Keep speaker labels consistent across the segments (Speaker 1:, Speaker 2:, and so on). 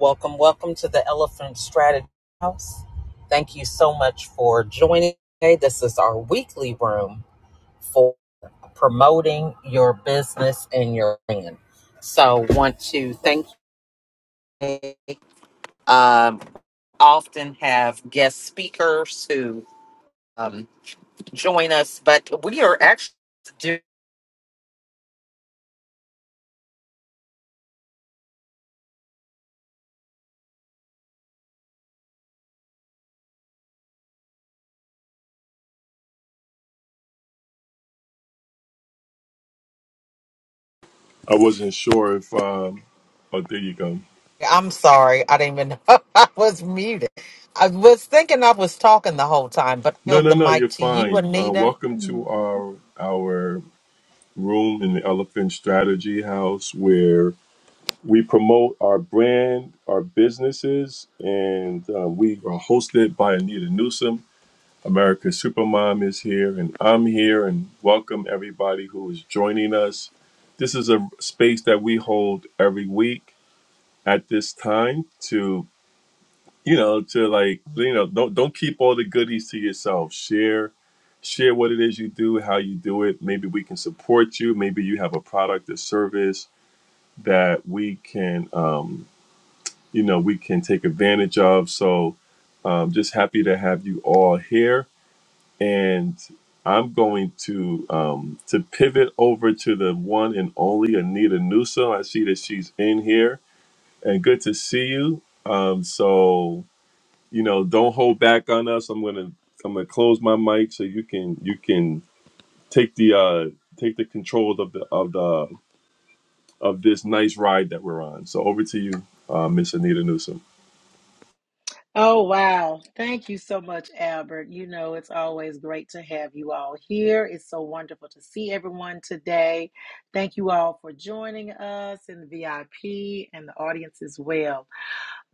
Speaker 1: Welcome, welcome to the Elephant Strategy House. Thank you so much for joining today. This is our weekly room for promoting your business and your brand. So, want to thank you. Um, often have guest speakers who um, join us, but we are actually doing.
Speaker 2: I wasn't sure if. Um, oh, there you go.
Speaker 1: I'm sorry, I didn't even know I was muted. I was thinking I was talking the whole time, but I
Speaker 2: No,
Speaker 1: yield
Speaker 2: no,
Speaker 1: the
Speaker 2: no.
Speaker 1: mic
Speaker 2: You're
Speaker 1: to you,
Speaker 2: fine. Uh,
Speaker 1: Anita.
Speaker 2: welcome to our our room in the Elephant Strategy House, where we promote our brand, our businesses, and um, we are hosted by Anita Newsom. America's Supermom is here, and I'm here, and welcome everybody who is joining us. This is a space that we hold every week at this time to you know to like you know don't don't keep all the goodies to yourself share share what it is you do how you do it maybe we can support you maybe you have a product or service that we can um you know we can take advantage of so um, just happy to have you all here and i'm going to um to pivot over to the one and only anita newsom i see that she's in here and good to see you um so you know, don't hold back on us. I'm gonna I'm gonna close my mic so you can you can take the uh take the control of the of the of this nice ride that we're on. So over to you, uh, Miss Anita Newsom.
Speaker 3: Oh, wow. Thank you so much, Albert. You know, it's always great to have you all here. It's so wonderful to see everyone today. Thank you all for joining us in the VIP and the audience as well.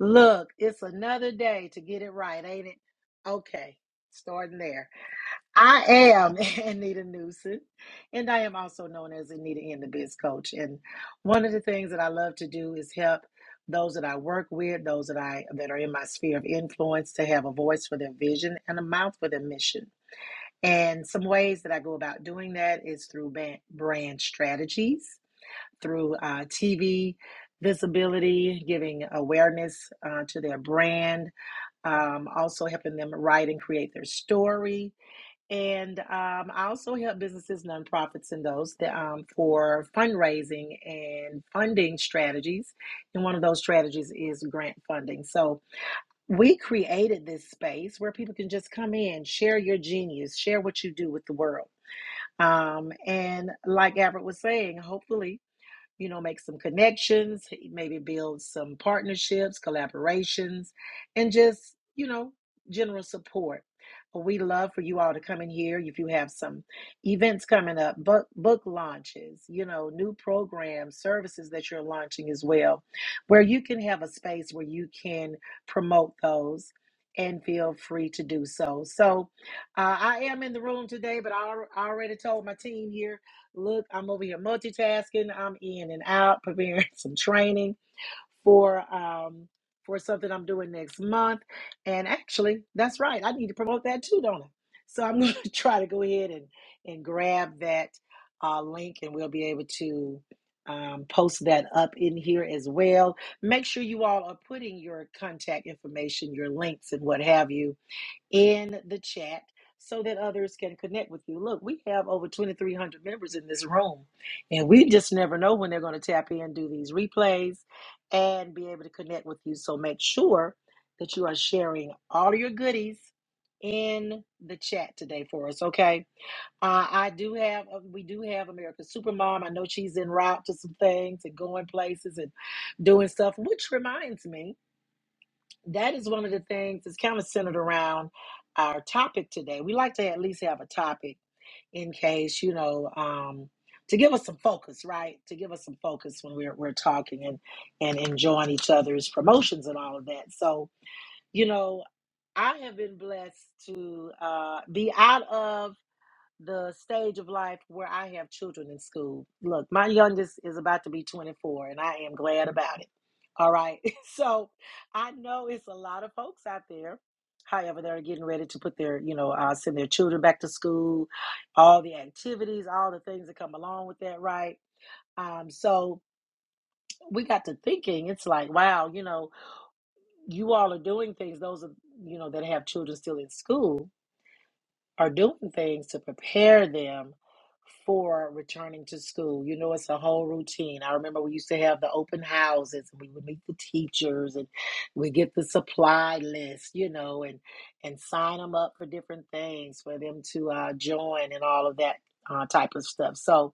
Speaker 3: Look, it's another day to get it right, ain't it? Okay, starting there. I am Anita Newsom, and I am also known as Anita in the Biz Coach. And one of the things that I love to do is help those that I work with, those that I that are in my sphere of influence, to have a voice for their vision and a mouth for their mission. And some ways that I go about doing that is through ban- brand strategies, through uh, TV visibility, giving awareness uh, to their brand, um, also helping them write and create their story and um, I also help businesses, nonprofits, and those that, um, for fundraising and funding strategies. And one of those strategies is grant funding. So we created this space where people can just come in, share your genius, share what you do with the world. Um, and like Albert was saying, hopefully you know, make some connections, maybe build some partnerships, collaborations, and just, you know, general support. we love for you all to come in here if you have some events coming up, book book launches, you know, new programs, services that you're launching as well, where you can have a space where you can promote those and feel free to do so. So uh, I am in the room today, but I al- I already told my team here Look, I'm over here multitasking. I'm in and out, preparing some training for um for something I'm doing next month. And actually, that's right. I need to promote that too, don't I? So I'm going to try to go ahead and and grab that uh, link, and we'll be able to um, post that up in here as well. Make sure you all are putting your contact information, your links, and what have you in the chat so that others can connect with you. Look, we have over 2,300 members in this room, and we just never know when they're going to tap in, do these replays, and be able to connect with you. So make sure that you are sharing all your goodies in the chat today for us, okay? Uh, I do have, uh, we do have America's Supermom. I know she's en route to some things and going places and doing stuff, which reminds me that is one of the things that's kind of centered around our topic today. We like to at least have a topic in case, you know, um, to give us some focus, right? To give us some focus when we're we're talking and and enjoying each other's promotions and all of that. So, you know, I have been blessed to uh, be out of the stage of life where I have children in school. Look, my youngest is about to be 24, and I am glad about it. All right. So I know it's a lot of folks out there. However, they're getting ready to put their, you know, uh, send their children back to school, all the activities, all the things that come along with that, right? Um, so we got to thinking, it's like, wow, you know, you all are doing things, those are, you know, that have children still in school are doing things to prepare them for returning to school. You know, it's a whole routine. I remember we used to have the open houses and we would meet the teachers and we get the supply list, you know, and and sign them up for different things for them to uh, join and all of that uh, type of stuff. So,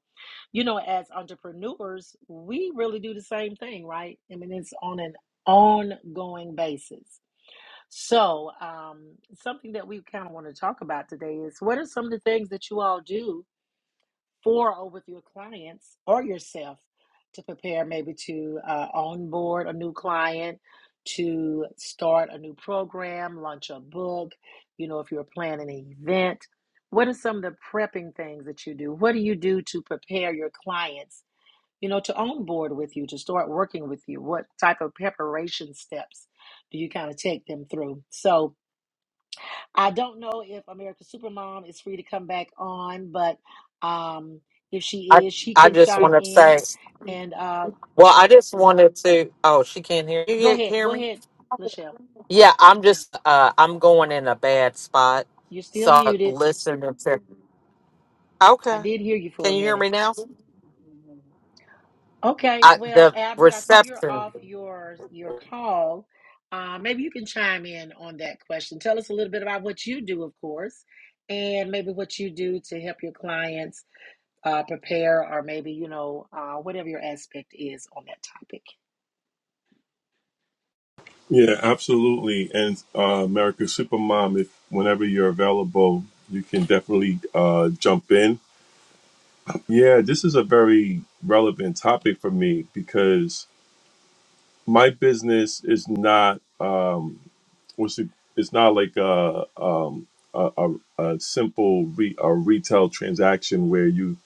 Speaker 3: you know, as entrepreneurs, we really do the same thing, right? I mean, it's on an ongoing basis. So, um, something that we kind of want to talk about today is what are some of the things that you all do for or with your clients or yourself to prepare maybe to uh, onboard a new client, to start a new program, launch a book, you know, if you're planning an event? What are some of the prepping things that you do? What do you do to prepare your clients, you know, to onboard with you, to start working with you? What type of preparation steps do you kind of take them through? So, I don't know if America's Supermom is free to come back on, but um, if
Speaker 1: I
Speaker 3: she is, she
Speaker 1: I
Speaker 3: can
Speaker 1: just
Speaker 3: chime
Speaker 1: want to
Speaker 3: in.
Speaker 1: say,
Speaker 3: And uh,
Speaker 1: well, I just wanted to. Oh, she can't hear you.
Speaker 3: go
Speaker 1: Hear
Speaker 3: ahead,
Speaker 1: hear
Speaker 3: go
Speaker 1: me?
Speaker 3: ahead, Lachelle.
Speaker 1: Yeah, I'm just. Uh, I'm going in a bad spot,
Speaker 3: You're still
Speaker 1: so
Speaker 3: muted.
Speaker 1: listen to.
Speaker 3: I
Speaker 1: Okay,
Speaker 3: did hear you for
Speaker 1: can
Speaker 3: a
Speaker 1: you hear
Speaker 3: minute.
Speaker 1: me now?
Speaker 3: Okay,
Speaker 1: I
Speaker 3: well,
Speaker 1: the
Speaker 3: Albert, I see you're
Speaker 1: reception.
Speaker 3: off your your call. Uh, maybe you can chime in on that question. Tell us a little bit about what you do, of course, and maybe what you do to help your clients uh, prepare, or maybe you know uh, whatever your aspect is on that topic.
Speaker 2: Yeah, absolutely. And uh, America Supermom, if whenever you're available, you can definitely uh, jump in. Yeah, this is a very relevant topic for me because my business is not um what's it it's not like a um a, a, a simple re, a retail transaction where you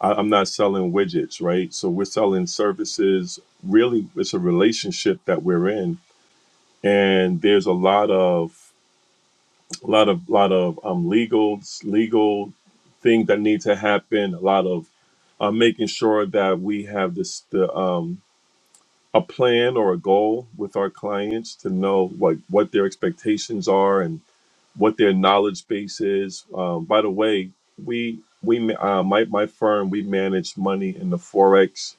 Speaker 2: I, i'm not selling widgets right so we're selling services really it's a relationship that we're in and there's a lot of a lot of lot of um legal legal things that need to happen a lot of uh, making sure that we have this the um a plan or a goal with our clients to know like what their expectations are and what their knowledge base is. Um, by the way, we we ma- uh, my my firm we manage money in the forex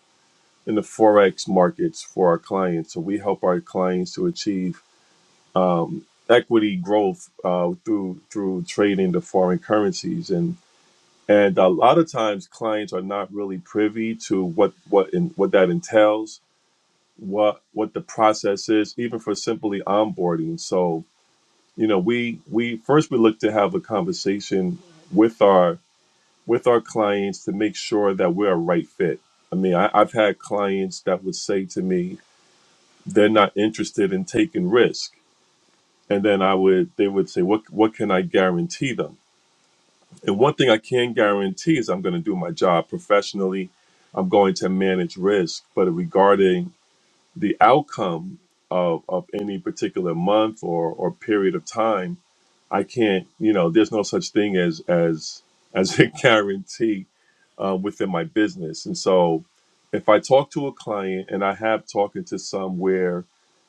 Speaker 2: in the forex markets for our clients. So we help our clients to achieve um, equity growth uh, through through trading the foreign currencies and. And a lot of times, clients are not really privy to what what in, what that entails what what the process is even for simply onboarding so you know we we first we look to have a conversation with our with our clients to make sure that we're a right fit i mean I, i've had clients that would say to me they're not interested in taking risk and then i would they would say what what can i guarantee them and one thing i can guarantee is i'm going to do my job professionally i'm going to manage risk but regarding the outcome of, of any particular month or, or period of time i can't you know there's no such thing as as as a guarantee uh, within my business and so if i talk to a client and i have talking to some where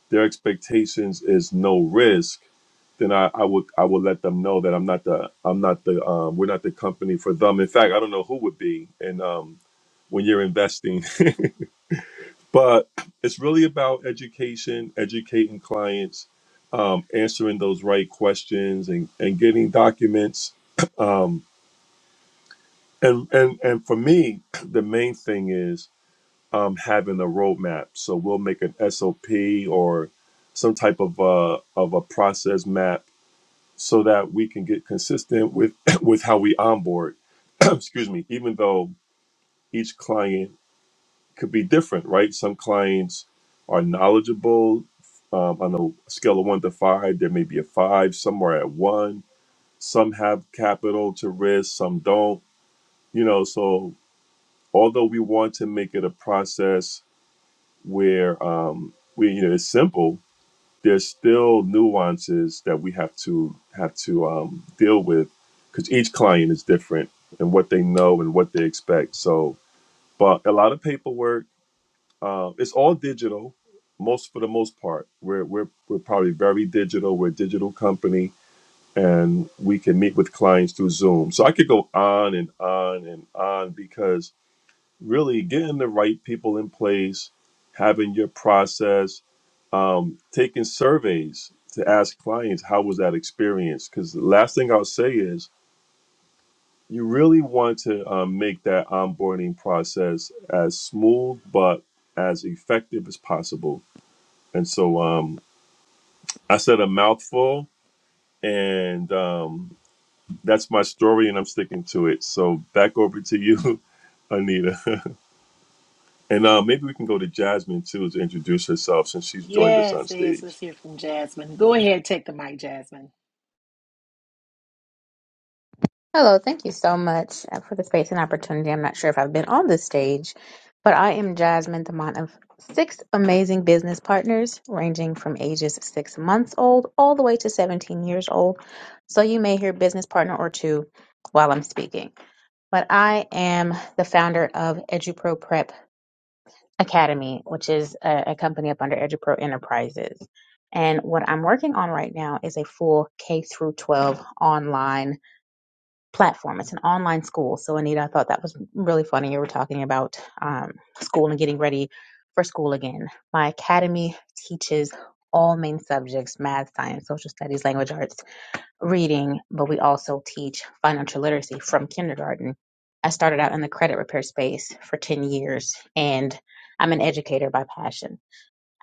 Speaker 2: their expectations is no risk then I, I would I would let them know that I'm not the I'm not the um, we're not the company for them. In fact, I don't know who would be. And um, when you're investing but it's really about education, educating clients, um, answering those right questions, and, and getting documents. Um, and and and for me, the main thing is um, having a roadmap. So we'll make an SOP or some type of a, of a process map so that we can get consistent with with how we onboard. Excuse me. Even though each client could be different, right? Some clients are knowledgeable um, on a scale of one to five. There may be a five, some are at one. Some have capital to risk, some don't. You know, so although we want to make it a process where um, we you know it's simple, there's still nuances that we have to have to um, deal with because each client is different and what they know and what they expect. So, but a lot of paperwork Um, it's all digital, most for the most part. We're we're we're probably very digital. We're a digital company, and we can meet with clients through Zoom. So I could go on and on and on because really getting the right people in place, having your process, um, taking surveys to ask clients how was that experience. Because the last thing I'll say is you really want to um, make that onboarding process as smooth but as effective as possible and so um, I said a mouthful, and um, that's my story, and I'm sticking to it. So back over to you, Anita. and uh, maybe we can go to Jasmine too to introduce herself since she's joined us on
Speaker 3: Yes, yes,
Speaker 2: stage.
Speaker 3: let's hear from Jasmine. Go ahead, take the mic, Jasmine.
Speaker 4: Hello, thank you so much uh, for the space and opportunity. I'm not sure if I've been on this stage, but I am Jasmine, the mom of six amazing business partners, ranging from ages six months old all the way to 17 years old. So you may hear business partner or two while I'm speaking. But I am the founder of EduPro Prep Academy, which is a, a company up under EduPro Enterprises. And what I'm working on right now is a full K through 12 online platform. It's an online school. So, Anita, I thought that was really funny. You were talking about um, school and getting ready for school again. My academy teaches all main subjects math, science, social studies, language arts, reading, but we also teach financial literacy from kindergarten. I started out in the credit repair space for 10 years, and I'm an educator by passion.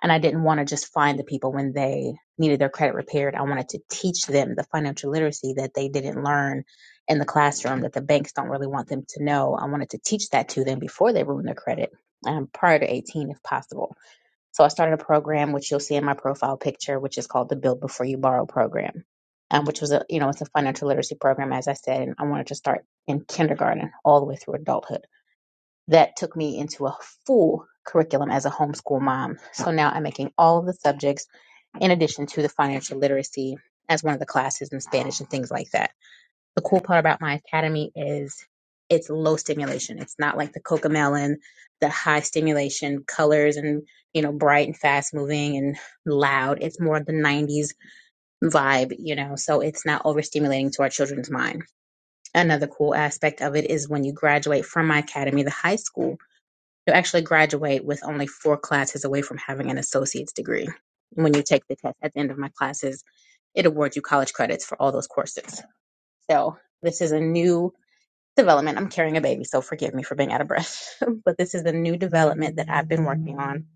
Speaker 4: And I didn't want to just find the people when they needed their credit repaired. I wanted to teach them the financial literacy that they didn't learn in the classroom, that the banks don't really want them to know. I wanted to teach that to them before they ruin their credit, um, prior to 18, if possible. So I started a program, which you'll see in my profile picture, which is called the Build Before You Borrow program, um, which was a, you know, it's a financial literacy program, as I said, and I wanted to start in kindergarten all the way through adulthood that took me into a full curriculum as a homeschool mom. So now I'm making all of the subjects in addition to the financial literacy as one of the classes in Spanish and things like that. The cool part about my academy is it's low stimulation. It's not like the coca the high stimulation colors and, you know, bright and fast moving and loud. It's more of the 90s vibe, you know, so it's not overstimulating to our children's mind. Another cool aspect of it is when you graduate from my academy, the high school you actually graduate with only four classes away from having an associate's degree. When you take the test at the end of my classes, it awards you college credits for all those courses. So this is a new development. I'm carrying a baby, so forgive me for being out of breath. but this is a new development that I've been working on.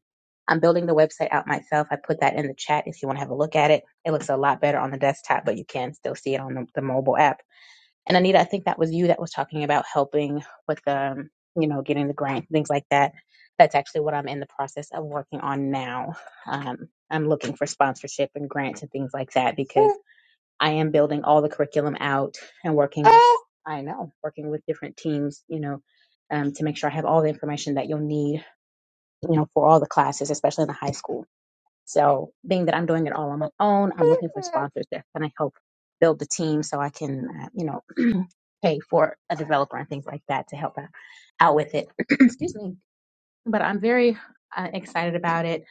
Speaker 4: I'm building the website out myself. I put that in the chat if you want to have a look at it. It looks a lot better on the desktop, but you can still see it on the, the mobile app and Anita, I think that was you that was talking about helping with um, you know, getting the grant, things like that. That's actually what I'm in the process of working on now. Um, I'm looking for sponsorship and grants and things like that because I am building all the curriculum out and working with, I know, working with different teams, you know, um, to make sure I have all the information that you'll need, you know, for all the classes, especially in the high school. So being that I'm doing it all on my own, I'm looking for sponsors that's going to help build the team so I can, uh, you know, pay for a developer and things like that to help out, out with it. Excuse me. But I'm very uh, excited about it.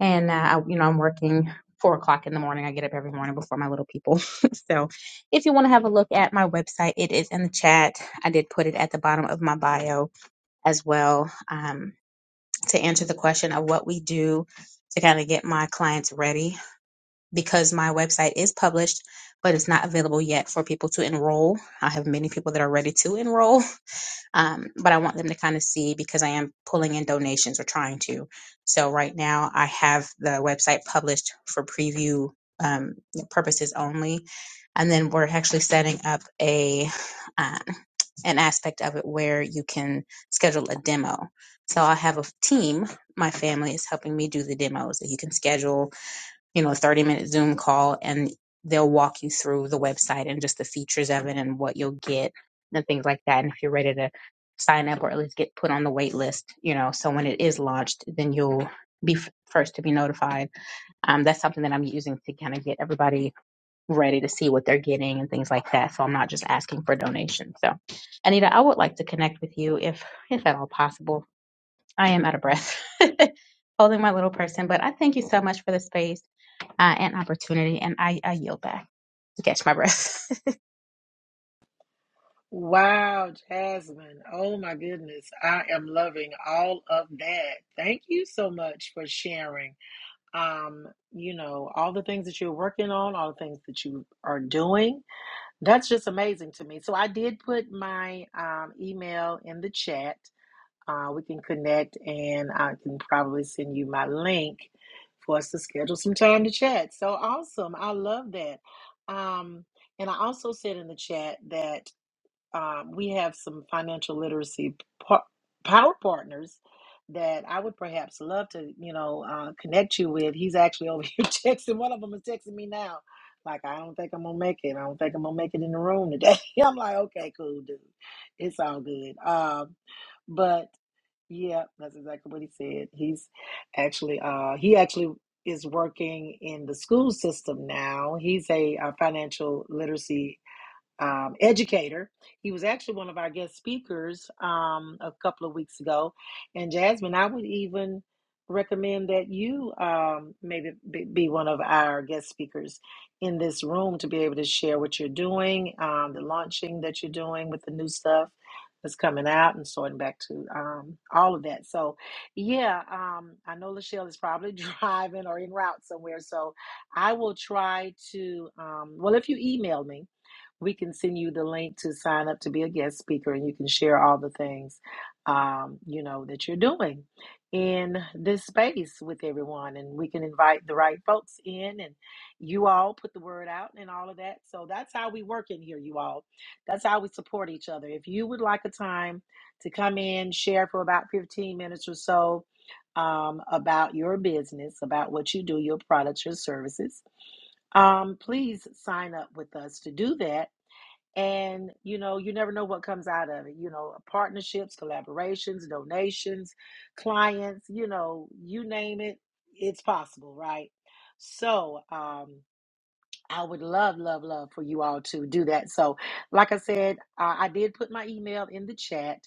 Speaker 4: And, uh, I, you know, I'm working four o'clock in the morning. I get up every morning before my little people. so if you want to have a look at my website, it is in the chat. I did put it at the bottom of my bio as well um, to answer the question of what we do to kind of get my clients ready because my website is published but it's not available yet for people to enroll. I have many people that are ready to enroll um, but I want them to kind of see because I am pulling in donations or trying to. So right now I have the website published for preview um, purposes only, and then we're actually setting up a um, an aspect of it where you can schedule a demo. So I have a team. My family is helping me do the demos that you can schedule you know, 30 minute Zoom call and they'll walk you through the website and just the features of it and what you'll get and things like that. And if you're ready to sign up or at least get put on the wait list, you know, so when it is launched, then you'll be f- first to be notified. Um, that's something that I'm using to kind of get everybody ready to see what they're getting and things like that. So I'm not just asking for donations. So Anita, I would like to connect with you if, if at all possible. I am out of breath holding my little person, but I thank you so much for the space uh, and opportunity. And I, I yield back to catch my breath.
Speaker 3: Wow, Jasmine. Oh my goodness. I am loving all of that. Thank you so much for sharing. Um, you know, all the things that you're working on, all the things that you are doing. That's just amazing to me. So I did put my um, email in the chat. Uh, we can connect and I can probably send you my link for us to schedule some time to chat. So awesome. I love that. Um, and I also said in the chat that um, we have some financial literacy par- power partners that I would perhaps love to, you know, uh, connect you with. He's actually over here texting. One of them is texting me now. Like, I don't think I'm going to make it. I don't think I'm going to make it in the room today. I'm like, okay, cool, dude. It's all good. Um, but yeah, that's exactly what he said. He's actually uh he actually is working in the school system now. He's a, uh financial literacy um, educator. He was actually one of our guest speakers um, a couple of weeks ago. And Jasmine, I would even recommend that you um, maybe be be one of our guest speakers in this room to be able to share what you're doing, um, the launching that you're doing with the new stuff that's coming out and sorting back to um, all of that. So, yeah, um, I know Lachelle is probably driving or en route somewhere. So, I will try to, um, well, if you email me, we can send you the link to sign up to be a guest speaker and you can share all the things um, you know that you're doing in this space with everyone and we can invite the right folks in and you all put the word out and all of that so that's how we work in here you all that's how we support each other if you would like a time to come in share for about 15 minutes or so um, about your business about what you do your products your services um, please sign up with us to do that and you know you never know what comes out of it you know partnerships collaborations donations clients you know you name it it's possible right so um I would love, love, love for you all to do that. So, like I said, uh, I did put my email in the chat.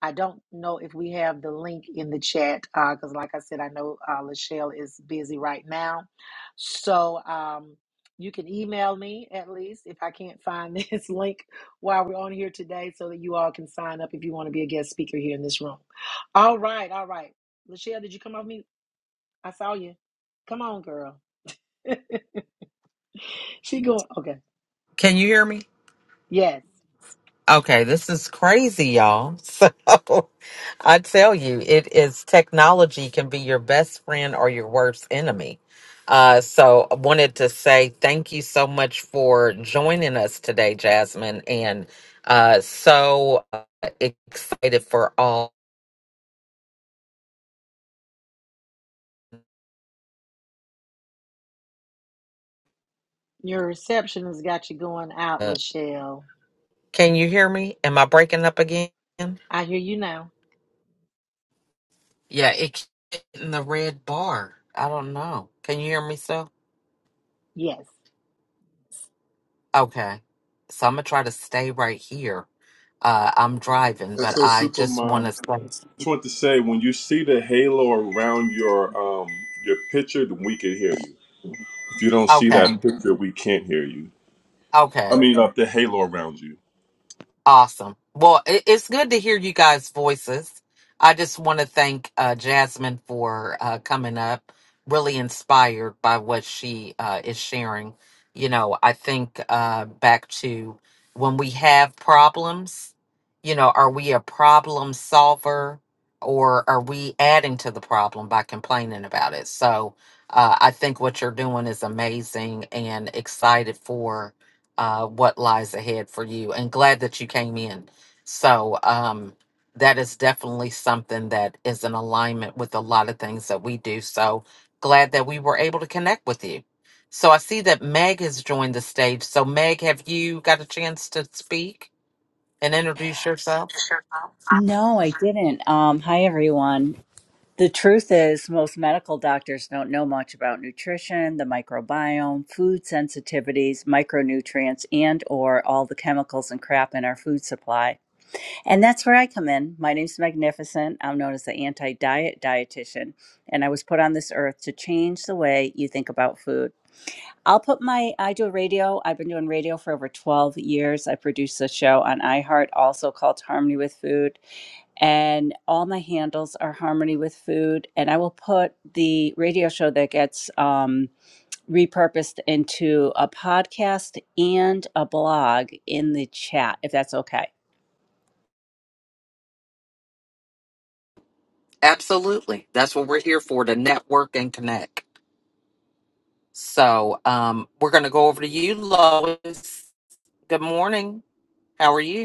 Speaker 3: I don't know if we have the link in the chat because, like I said, I know uh, Lachelle is busy right now. So, um, you can email me at least if I can't find this link while we're on here today so that you all can sign up if you want to be a guest speaker here in this room. All right, all right. Lachelle, did you come off mute? I saw you. Come on, girl. she going, okay.
Speaker 1: Can you hear me?
Speaker 3: Yes.
Speaker 1: Okay, this is crazy, y'all. So I tell you, it is technology can be your best friend or your worst enemy. Uh, so I wanted to say thank you so much for joining us today, Jasmine, and uh, so uh, excited for all.
Speaker 3: Your reception has got you going out,
Speaker 1: the-
Speaker 3: Lachelle.
Speaker 1: Can you hear me? Am I breaking up again?
Speaker 3: I hear you now.
Speaker 1: Yeah, it keeps hitting the red bar. I don't know. Can you hear me, so?
Speaker 3: Yes.
Speaker 1: Okay. So I'm gonna try to stay right here. Uh, I'm driving,
Speaker 2: And
Speaker 1: but
Speaker 2: so,
Speaker 1: I just want
Speaker 2: Supermom,
Speaker 1: to.
Speaker 2: just want to say when you see the halo around your um, your picture, then we can hear you. If you don't see
Speaker 1: Okay.
Speaker 2: that picture, we can't hear you.
Speaker 1: Okay.
Speaker 2: I mean, uh, the halo around you.
Speaker 1: Awesome. Well, it, it's good to hear you guys' voices. I just want to thank uh, Jasmine for uh, coming up, really inspired by what she uh, is sharing. You know, I think uh, back to when we have problems, you know, are we a problem solver or are we adding to the problem by complaining about it? So uh, I think what you're doing is amazing and excited for uh, what lies ahead for you and glad that you came in. So, um, that is definitely something that is in alignment with a lot of things that we do. So, glad that we were able to connect with you. So, I see that Meg has joined the stage. So, Meg, have you got a chance to speak and introduce yourself?
Speaker 5: No, I didn't. Um, hi, everyone. The truth is, most medical doctors don't know much about nutrition, the microbiome, food sensitivities, micronutrients, and or all the chemicals and crap in our food supply. And that's where I come in. My name's Magnificent. I'm known as the anti-diet dietitian, and I was put on this earth to change the way you think about food. I'll put my I do radio. I've been doing radio for over 12 years. I produce a show on iHeart also called Harmony with Food and all my handles are harmony with food and i will put the radio show that gets um, repurposed into a podcast and a blog in the chat if that's okay
Speaker 1: Absolutely. That's what we're here for to network and connect. So, um, we're going to go over to you, Lois. Good morning. How are you?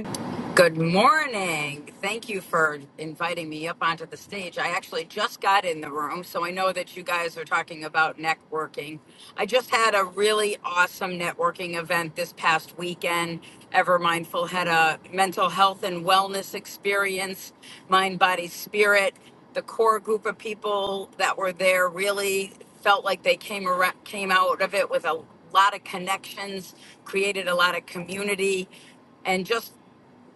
Speaker 6: Good morning. Thank you for inviting me up onto the stage. I actually just got in the room, so I know that you guys are talking about networking. I just had a really awesome networking event this past weekend. Ever Mindful had a mental health and wellness experience, mind, body, spirit. The core group of people that were there really felt like they came around, came out of it with a lot of connections, created a lot of community and just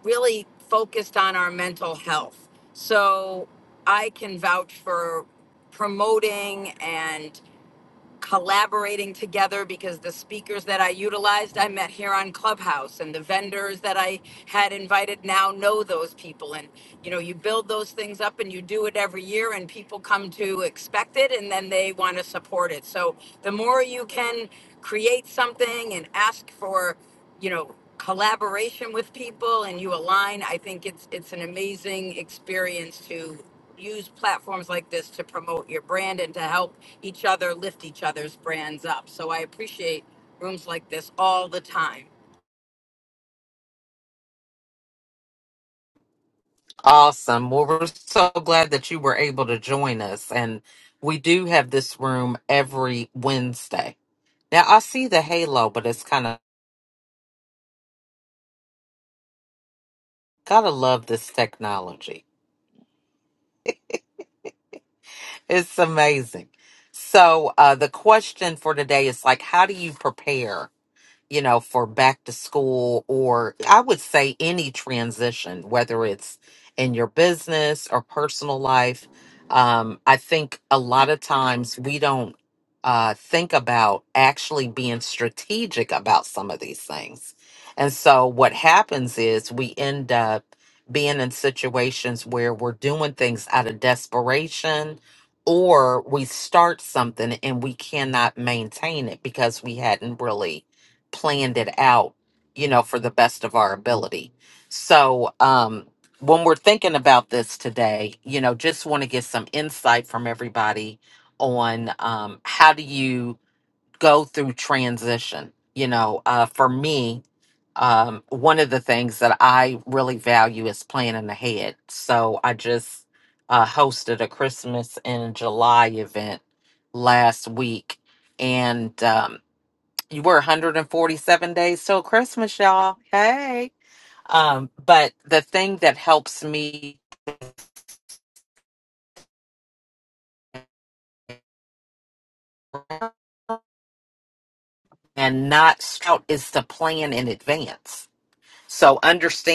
Speaker 6: really focused on our mental health. So I can vouch for promoting and collaborating together because the speakers that I utilized, I met here on Clubhouse, and the vendors that I had invited now know those people. And, you know, you build those things up and you do it every year, and people come to expect it and then they want to support it. So the more you can create something and ask for, you know, collaboration with people and you align i think it's it's an amazing experience to use platforms like this to promote your brand and to help each other lift each other's brands up. So I appreciate rooms like this all the time.
Speaker 1: Awesome. Well, we're so glad that you were able to join us. And we do have this room every Wednesday. Now, I see the halo, but it's kind of, gotta love this technology. It's amazing. So, uh, the question for today is like, how do you prepare? you know, for back to school or I would say any transition, whether it's in your business or personal life. Um, I think a lot of times we don't uh, think about actually being strategic about some of these things. And so what happens is we end up being in situations where we're doing things out of desperation or we start something and we cannot maintain it because we hadn't really planned it out, you know, for the best of our ability. So, um, when we're thinking about this today, you know, just want to get some insight from everybody on um, how do you go through transition. You know, uh, for me, um, one of the things that I really value is planning ahead. So I just uh, hosted a Christmas in July event last week, and um, you were 147 days till Christmas, y'all. Hey. Um, but the thing that helps me and not scout is to plan in advance. So understand.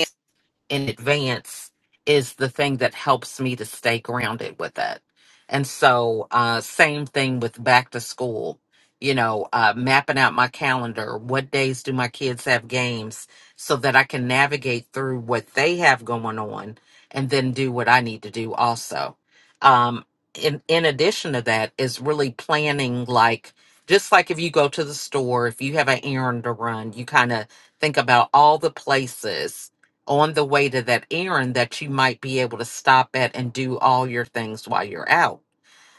Speaker 1: in advance is the thing that helps me to stay grounded with it. And so, uh, same thing with back to school, you know, uh, mapping out my calendar. What days do my kids have games so that I can navigate through what they have going on and then do what I need to do also. Um, in, in addition to that is really planning, like, just like if you go to the store, if you have an errand to run, you kind of think about all the places on the way to that errand that you might be able to stop at and do all your things while you're out.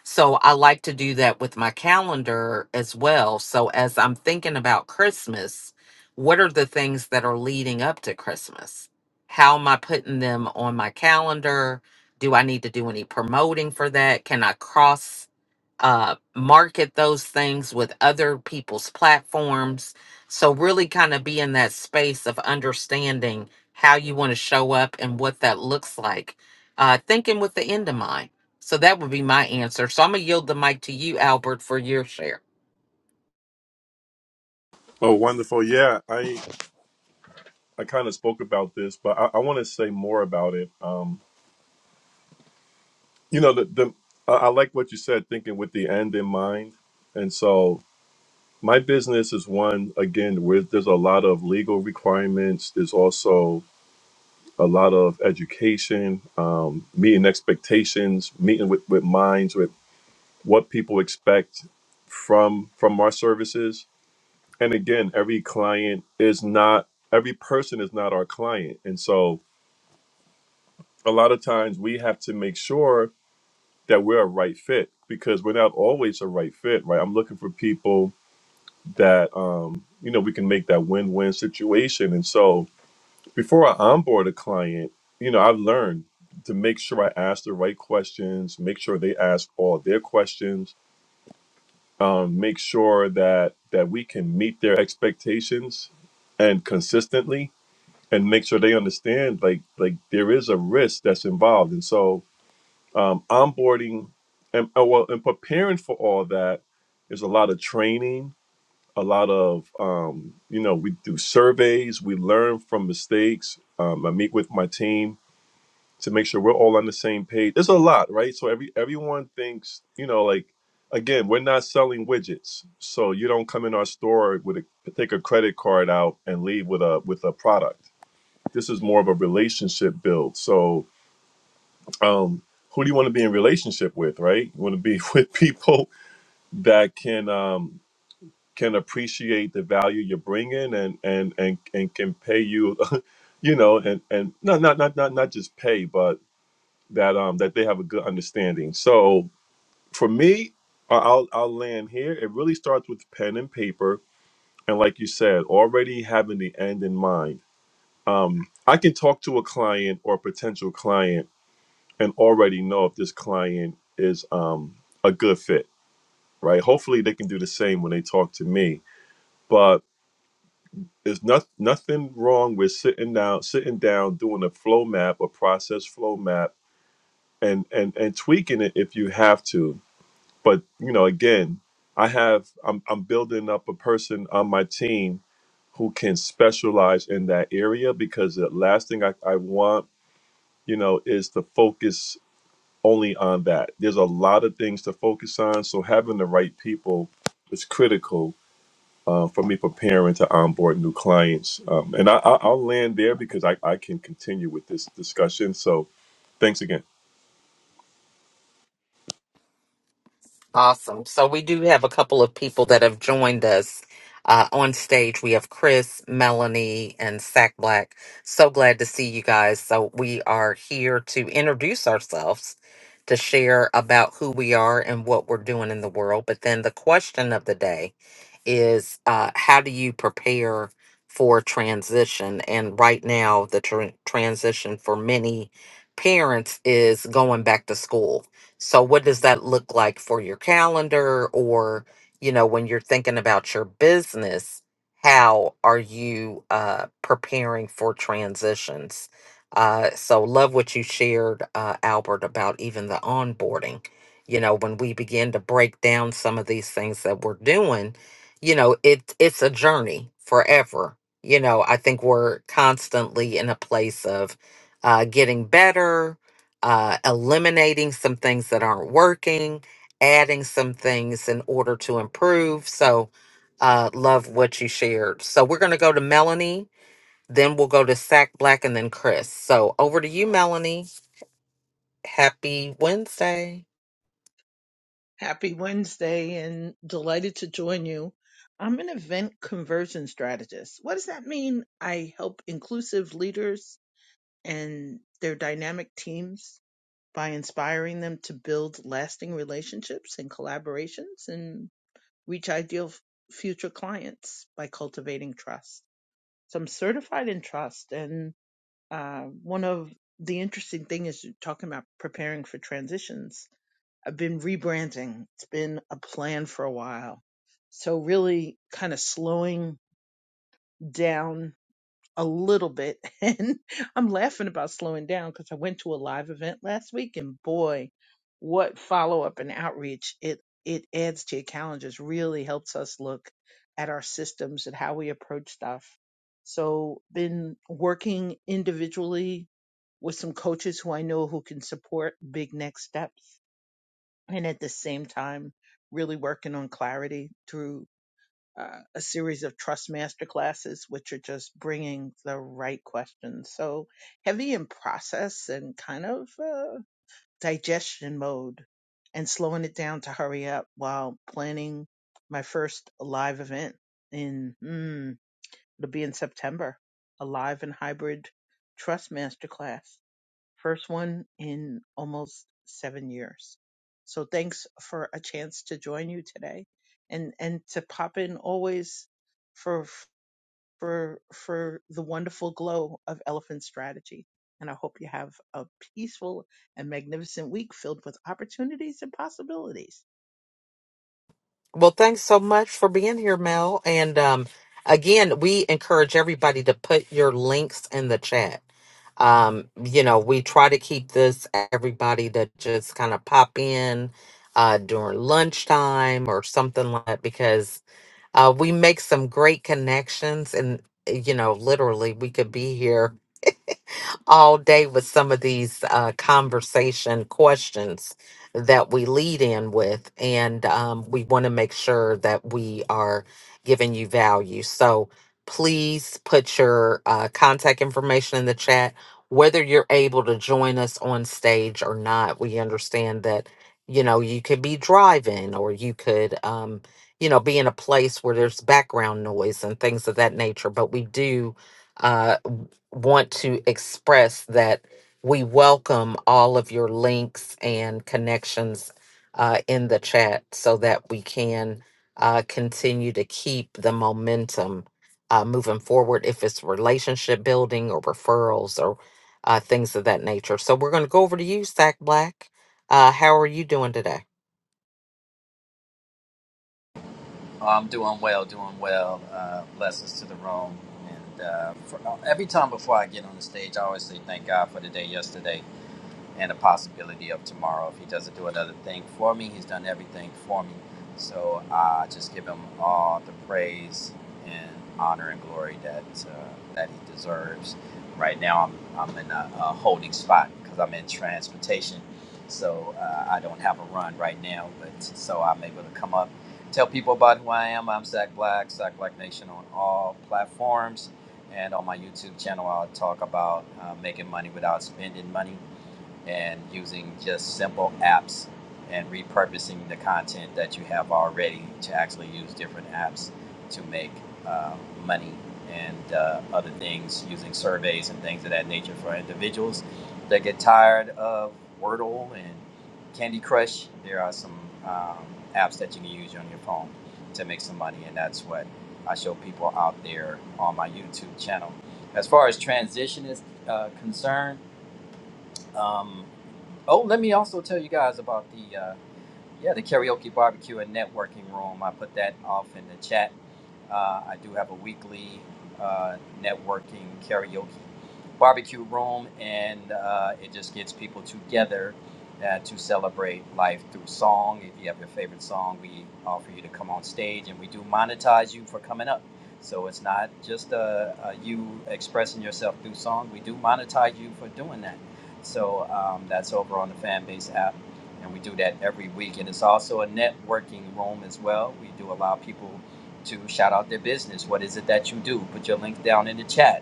Speaker 1: So I like to do that with my calendar as well. So as I'm thinking about Christmas, what are the things that are leading up to Christmas? How am I putting them on my calendar? Do I need to do any promoting for that? Can I cross uh, market those things with other people's platforms. So, really kind of be in that space of understanding how you want to show up and what that looks like, uh, thinking with the end in mind. So, that would be my answer. So, I'm going to yield the mic to you, Albert, for your share.
Speaker 2: Oh, wonderful! Yeah, I I kind of spoke about this, but I, I want to say more about it. Um, you know the, the i I like what you said thinking with the end in mind and so my business is one again where there's a lot of legal requirements there's also a lot of education um, meeting expectations meeting with, with minds with what people expect from from our services and again every client is not every person is not our client and so a lot of times we have to make sure that we're a right fit because we're not always a right fit, right? I'm looking for people that um, you know, we can make that win-win situation. And so before I onboard a client, you know, I've learned to make sure I ask the right questions, make sure they ask all their questions, um, make sure that that we can meet their expectations and consistently and make sure they understand like like there is a risk that's involved. And so um, onboarding and uh, well and preparing for all that is a lot of training a lot of um, you know we do surveys we learn from mistakes um, i meet with my team to make sure we're all on the same page there's a lot right so every everyone thinks you know like again we're not selling widgets so you don't come in our store with a take a credit card out and leave with a with a product this is more of a relationship build so um, who do you want to be in relationship with, right? You want to be with people that can um, can appreciate the value you're bringing and and and and can pay you, you know, and and not not not not not just pay, but that um that they have a good understanding. So for me, I- I'll I'll land here. It really starts with pen and paper, and like you said, already having the end in mind. Um, I can talk to a client or potential client and already know if this client is um, a good fit, right? Hopefully, they can do the same when they talk to me. But there's not, nothing wrong with sitting down, sitting down, doing a flow map, a process flow map, and and and tweaking it if you have to. But you know, again, I have I'm I'm building up a person on my team who can specialize in that area because the last thing I, I want, you know, is to focus only on that. There's a lot of things to focus on, so having the right people is critical uh, for me preparing to onboard new clients. Um, and I, I, I'll land there because I, I can continue with this discussion. So thanks again.
Speaker 1: Awesome. So we do have a couple of people that have joined us uh, on stage. We have Chris, Melanie, and Sack Black. So glad to see you guys. So we are here to introduce ourselves, to share about who we are and what we're doing in the world. But then the question of the day is uh, how do you prepare for transition? And right now, the tran transition for many parents is going back to school. So, what does that look like for your calendar? Or, you know, when you're thinking about your business, how are you uh, preparing for transitions? Uh, so, love what you shared, uh, Albert, about even the onboarding. You know, when we begin to break down some of these things that we're doing, you know it it's a journey forever you know i think we're constantly in a place of uh getting better uh eliminating some things that aren't working adding some things in order to improve so uh love what you shared so we're going to go to melanie then we'll go to sack black and then chris so over to you melanie Happy Wednesday.
Speaker 7: Happy Wednesday and delighted to join you. I'm an event conversion strategist. What does that mean? I help inclusive leaders and their dynamic teams by inspiring them to build lasting relationships and collaborations and reach ideal f- future clients by cultivating trust. So I'm certified in trust and uh, one of the interesting thing is you're talking about preparing for transitions I've been rebranding. It's been a plan for a while. So really kind of slowing down a little bit. And I'm laughing about slowing down because I went to a live event last week and boy, what follow up and outreach it it adds to your calendars really helps us look at our systems and how we approach stuff. So been working individually with some coaches who I know who can support big next steps and at the same time really working on clarity through uh, a series of trust master classes which are just bringing the right questions so heavy in process and kind of uh, digestion mode and slowing it down to hurry up while planning my first live event in mm, it'll be in september a live and hybrid trust master class First one in almost seven years. So thanks for a chance to join you today and, and to pop in always for, for, for the wonderful glow of elephant strategy. And I hope you have a peaceful and magnificent week filled with opportunities and possibilities.
Speaker 1: Well, thanks so much for being here, Mel. And um, again, we encourage everybody to put your links in the chat. Um, you know, we try to keep this everybody to just kind of pop in uh, during lunchtime or something like that because uh, we make some great connections. And, eh, you know, literally, we could be here all day with some of these uh, conversation questions that we lead in with. And um, we want to make sure that we are giving you value. So please put your uh, contact information in the chat. Whether you're able to join us on stage or not, we understand that, you know, you could be driving or you could, um, you know, be in a place where there's background noise and things of that nature. But we do. Uh, want to express that we welcome all of your links and connections uh, in the chat so that we can uh, continue to keep the momentum uh, moving forward if it's relationship building or referrals or uh, things of that nature. So we're going to go over to you, Sack Black. Uh, how are you doing today?
Speaker 8: Oh, I'm doing well, doing well. Uh, blessings to the room. And uh, for, uh, every time before I get on the stage, I always say thank God for the day yesterday and a possibility of tomorrow. If he doesn't do another thing for me, he's done everything for me. So I uh, just give him all the praise and honor and glory that uh, that he deserves. Right now, I'm, I'm in a, a holding spot because I'm in transportation, so uh, I don't have a run right now. But so I'm able to come up, tell people about who I am. I'm Zach Black, Zach Black Nation on all platforms, and on my YouTube channel, I'll talk about uh, making money without spending money and using just simple apps and repurposing the content that you have already to actually use different apps to make uh, money and uh, other things using surveys and things of that nature for individuals that get tired of Wordle and Candy Crush. There are some um, apps that you can use on your phone to make some money, and that's what I show people out there on my YouTube channel. As far as transition is uh, concerned, um, Oh, let me also tell you guys about the uh, yeah the karaoke barbecue and networking room. I put that off in the chat. Uh, I do have a weekly uh, networking karaoke barbecue room, and uh, it just gets people together uh, to celebrate life through song. If you have your favorite song, we offer you to come on stage, and we do monetize you for coming up. So it's not just uh, uh, you expressing yourself through song. We do monetize you for doing that. So um, that's over on the Fanbase app, and we do that every week. And it's also a networking room as well. We do allow people to shout out their business. What is it that you do? Put your link down in the chat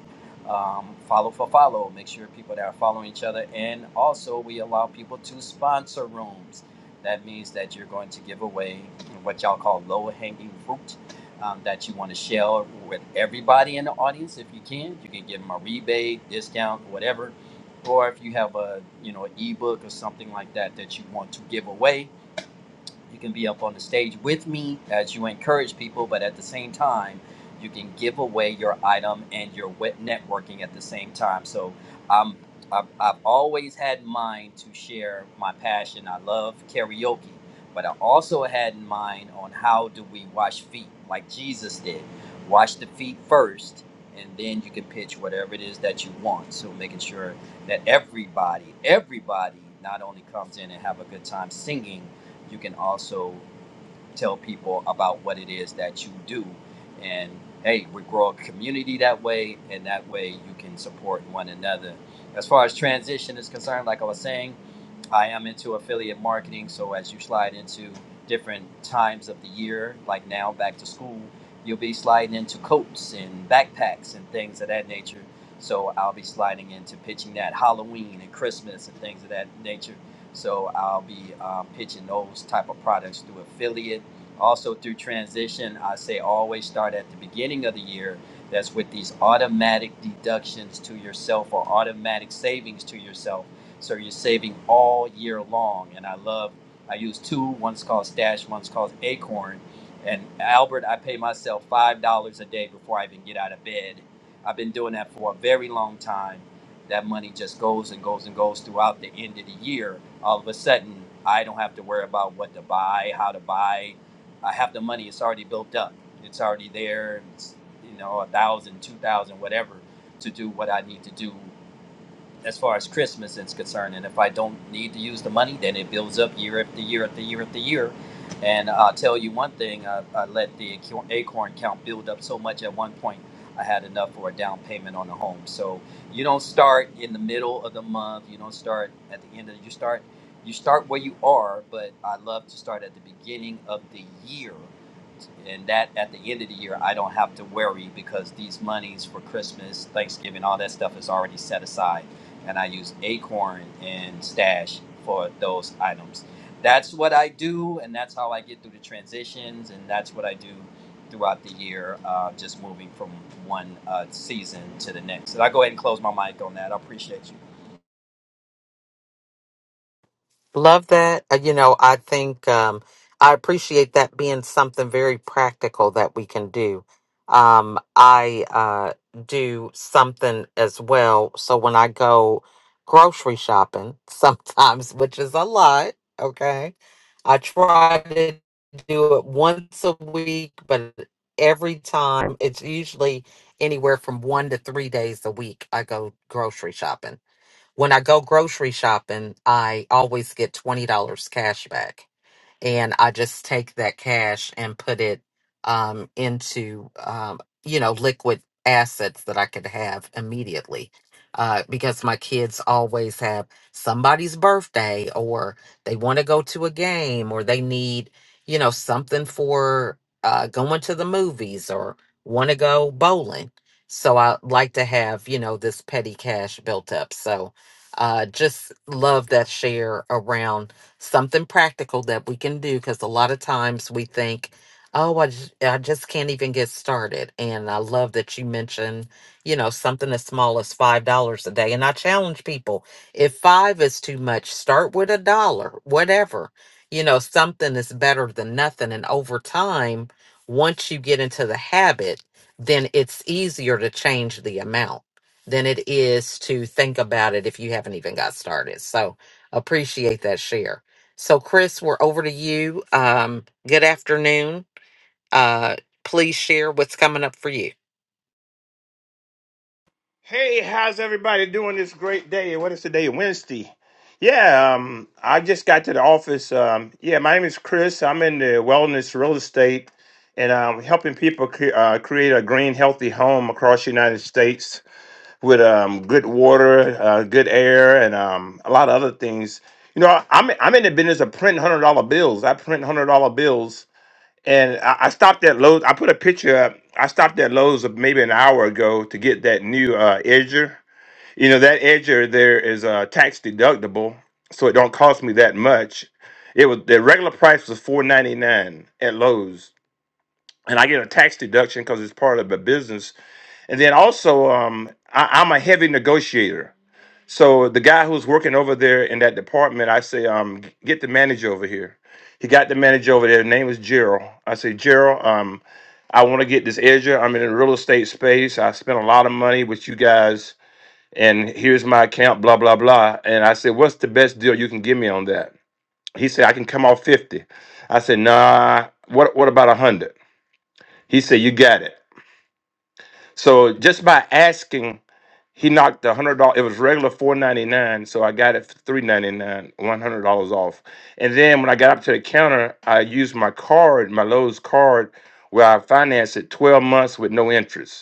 Speaker 8: um, follow for follow. Make sure people that are following each other, and also we allow people to sponsor rooms. That means that you're going to give away what y'all call low hanging fruit um, that you want to share with everybody in the audience if you can. You can give them a rebate, discount, whatever. Or if you have a you know ebook or something like that that you want to give away, you can be up on the stage with me as you encourage people, but at the same time, you can give away your item and your wet networking at the same time. So I'm I've, I've always had in mind to share my passion. I love karaoke, but I also had in mind on how do we wash feet like Jesus did. Wash the feet first, and then you can pitch whatever it is that you want. So making sure that everybody, everybody not only comes in and have a good time singing, you can also tell people about what it is that you do. And hey, we grow a community that way, and that way you can support one another. As far as transition is concerned, like I was saying, I am into affiliate marketing. So as you slide into different times of the year, like now back to school, you'll be sliding into coats and backpacks and things of that nature. So I'll be sliding into pitching that Halloween and Christmas and things of that nature. So I'll be um, pitching those type of products through affiliate also, through transition, I say always start at the beginning of the year. That's with these automatic deductions to yourself or automatic savings to yourself. So you're saving all year long. And I love, I use two. One's called Stash, one's called Acorn. And Albert, I pay myself $5 a day before I even get out of bed. I've been doing that for a very long time. That money just goes and goes and goes throughout the end of the year. All of a sudden, I don't have to worry about what to buy, how to buy, I have the money. It's already built up. It's already there. It's you know a thousand, two thousand, whatever, to do what I need to do as far as Christmas is concerned. And if I don't need to use the money, then it builds up year after year after year after year. And I'll tell you one thing: I, I let the acorn count build up so much at one point. I had enough for a down payment on a home. So you don't start in the middle of the month. You don't start at the end of. You start you start where you are, but I love to start at the beginning of the year out, and that at the end of the year I don't have to worry because these monies for Christmas, Thanksgiving, all that stuff is already set aside, and I use Acorn and Stash for those items. That's what I do, and that's how I get through the transitions, and that's what I do throughout the year, uh, just moving from one uh, season to the next. So I go ahead and close my mic on that. I appreciate you.
Speaker 1: Love that. Uh, You know, I think um, I appreciate that being something very practical that we can do. Um, I uh, do something as well. So when I go grocery shopping, sometimes, which is a lot, okay, I try to do it once a week, but every time it's usually anywhere from one to three days a week I go grocery shopping when I go grocery shopping, I always get $20 cash back and I just take that cash and put it um, into um, you know liquid assets that I could have immediately. Uh, because my kids always have somebody's birthday or they want to go to a game or they need you know something for uh, going to the movies or want to go bowling so i like to have you know this petty cash built up so uh just love that share around something practical that we can do because a lot of times we think oh I just, I just can't even get started and i love that you mentioned you know something as small as five dollars a day and i challenge people if five is too much start with a dollar whatever you know something is better than nothing and over time once you get into the habit then it's easier to change the amount than it is to think about it if you haven't even got started so appreciate that share so, Chris, we're over to you. Um, good afternoon. Uh, please share what's coming up for you.
Speaker 9: Hey, how's everybody doing this great day? What is today? Wednesday. Yeah, um, I just got to the office. Um, yeah, my name is Chris. I'm in the wellness real estate and I'm helping people cre- uh, create a green, healthy home across the United States with um, good water, uh, good air, and um, a lot of other things. You know, I'm, I'm in the business of printing $100 bills. I print $100 bills and I, I stopped at Lowe's. I put a picture up. I stopped at Lowe's of maybe an hour ago to get that new uh, edger. You know that edger there is uh, tax deductible, so it don't cost me that much. It was the regular price was four ninety nine at Lowe's, and I get a tax deduction because it's part of the business. And then also, um, I, I'm a heavy negotiator. So the guy who's working over there in that department, I say, um, get the manager over here. He got the manager over there. His name is Gerald. I say, Gerald, um, I want to get this edger. I'm in the real estate space. I spent a lot of money with you guys, and here's my account, blah, blah, blah. And I said, What's the best deal you can give me on that? He said, I can come off 50. I said, Nah, what what about a hundred? He said, You got it. So just by asking he knocked the hundred dollars. It was regular four ninety nine, so I got it for three ninety nine, one hundred dollars off. And then when I got up to the counter, I used my card, my Lowe's card, where I financed it twelve months with no interest.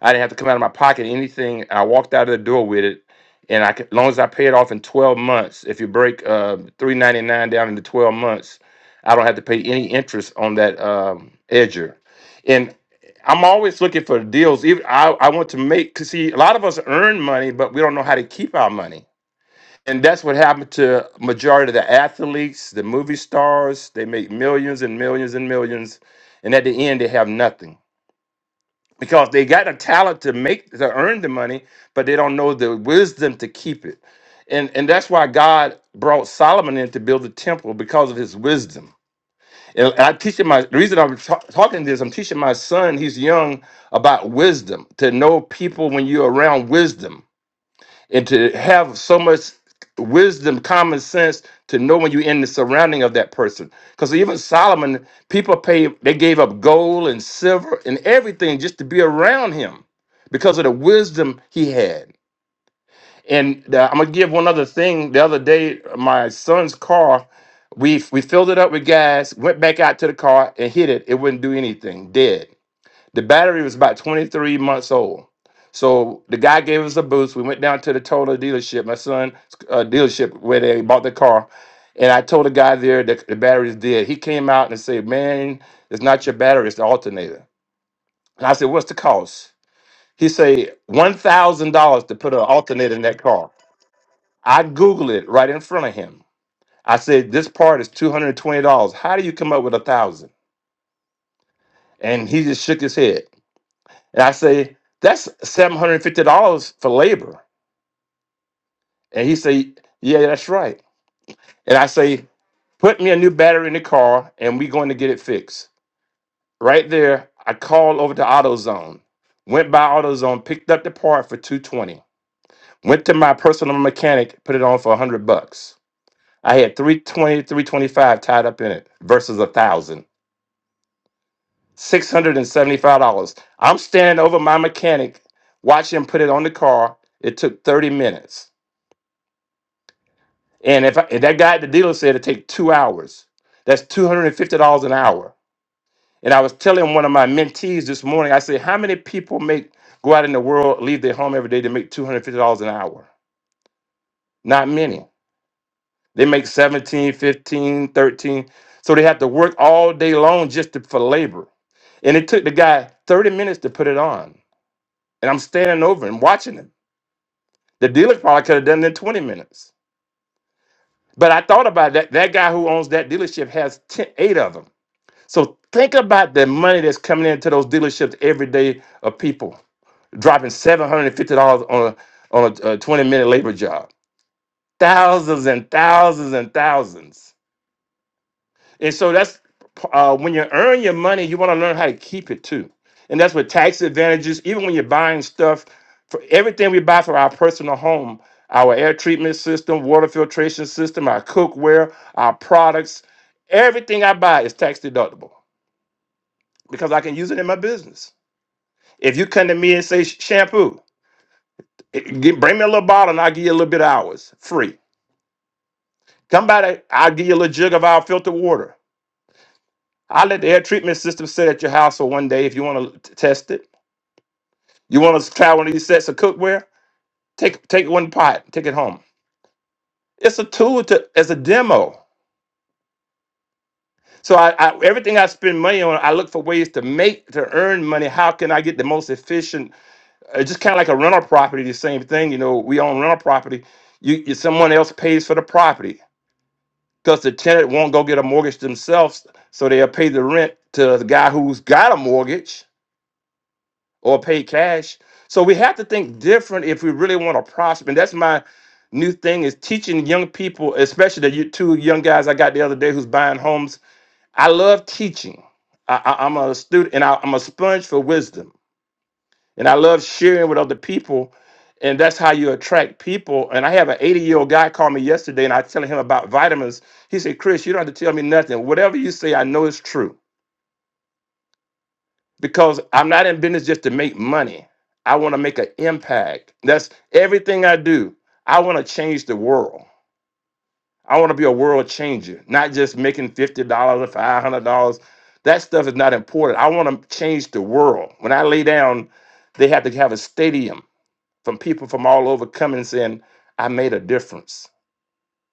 Speaker 9: I didn't have to come out of my pocket anything. I walked out of the door with it, and I, could- as long as I pay it off in twelve months, if you break uh, three ninety nine down into twelve months, I don't have to pay any interest on that um, edger. And I'm always looking for deals. Even I, I want to make because see, a lot of us earn money, but we don't know how to keep our money. And that's what happened to majority of the athletes, the movie stars. They make millions and millions and millions, and at the end, they have nothing because they got a talent to make to earn the money, but they don't know the wisdom to keep it. And and that's why God brought Solomon in to build the temple because of his wisdom. And I teaching my the reason I'm ta- talking this, I'm teaching my son, he's young, about wisdom, to know people when you're around wisdom and to have so much wisdom, common sense to know when you're in the surrounding of that person. Because even Solomon, people pay they gave up gold and silver and everything just to be around him because of the wisdom he had. And uh, I'm gonna give one other thing. The other day, my son's car, we we filled it up with gas, went back out to the car and hit it. It wouldn't do anything, dead. The battery was about 23 months old. So the guy gave us a boost. We went down to the Toyota dealership, my son's uh, dealership, where they bought the car. And I told the guy there that the battery's dead. He came out and said, Man, it's not your battery, it's the alternator. And I said, What's the cost? He said, $1,000 to put an alternator in that car. I Googled it right in front of him. I said, This part is $220. How do you come up with a thousand?" And he just shook his head. And I say, that's $750 for labor. And he say, yeah, that's right. And I say, put me a new battery in the car and we going to get it fixed. Right there, I called over to AutoZone. Went by AutoZone, picked up the part for 220. Went to my personal mechanic, put it on for 100 bucks. I had three twenty, three twenty-five tied up in it versus a thousand. $675. I'm standing over my mechanic, watching him put it on the car. It took 30 minutes. And if, I, if that guy at the dealer said it take two hours, that's two hundred and fifty dollars an hour. And I was telling one of my mentees this morning, I said, how many people make go out in the world, leave their home every day to make two hundred and fifty dollars an hour? Not many. They make 17, 15, 13, So they have to work all day long just to, for labor. And it took the guy 30 minutes to put it on. And I'm standing over and watching him. The dealer probably could have done it in 20 minutes. But I thought about that. That guy who owns that dealership has 10, eight of them. So think about the money that's coming into those dealerships every day of people dropping seven hundred and fifty dollars on a on a, a twenty minute labor job. Thousands and thousands and thousands. And so that's uh, when you earn your money, you want to learn how to keep it too. And that's with tax advantages. Even when you're buying stuff for everything we buy for our personal home, our air treatment system, water filtration system, our cookware, our products, everything I buy is tax deductible because I can use it in my business. If you come to me and say shampoo, it- get- bring me a little bottle and I'll give you a little bit of hours free. Come by, the- I'll give you a little jug of our filtered water. I'll let the air treatment system sit at your house for one day if you want to test it. You want to try one of these sets of cookware? Take take one pot, take it home. It's a tool to as a demo. So I, I everything I spend money on, I look for ways to make to earn money. How can I get the most efficient? It's just kind of like a rental property, the same thing. You know, we own rental property you, you someone else pays for the property because the tenant won't go get a mortgage themselves, so they'll pay the rent to the guy who's got a mortgage or pay cash. So we have to think different if we really want to prosper. And that's my new thing is teaching young people, especially the you- two young guys I got the other day who's buying homes. I love teaching. I, I, I'm a student and I, I'm a sponge for wisdom and I love sharing with other people. And that's how you attract people. And I have an 80 year old guy call me yesterday, and I telling him about vitamins. He said, "Chris, you don't have to tell me nothing. Whatever you say, I know it's true because I'm not in business just to make money. I want to make an impact. That's everything I do. I want to change the world. I want to be a world changer, not just making fifty dollars or five hundred dollars. That stuff is not important. I want to change the world. When I lay down, they have to have a stadium from people from all over coming and saying, I made a difference.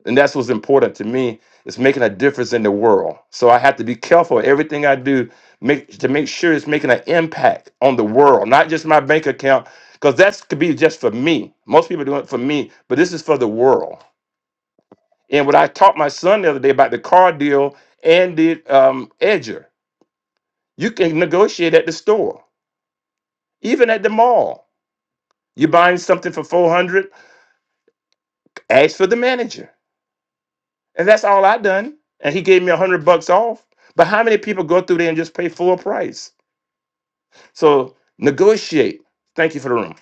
Speaker 9: And that's what's important to me is making a difference in the world. So I have to be careful of everything I do make to make sure it's making an impact on the world, not just my bank account, because that could be just for me. Most people do it for me, but this is for the world. And what I taught my son the other day about the car deal and the um, edger, you can negotiate at the store, even at the mall. You're buying something for 400, ask for the manager And that's all I done. And he gave me a hundred bucks off. But how many people go through there and just pay full price? So negotiate. Thank you for the room.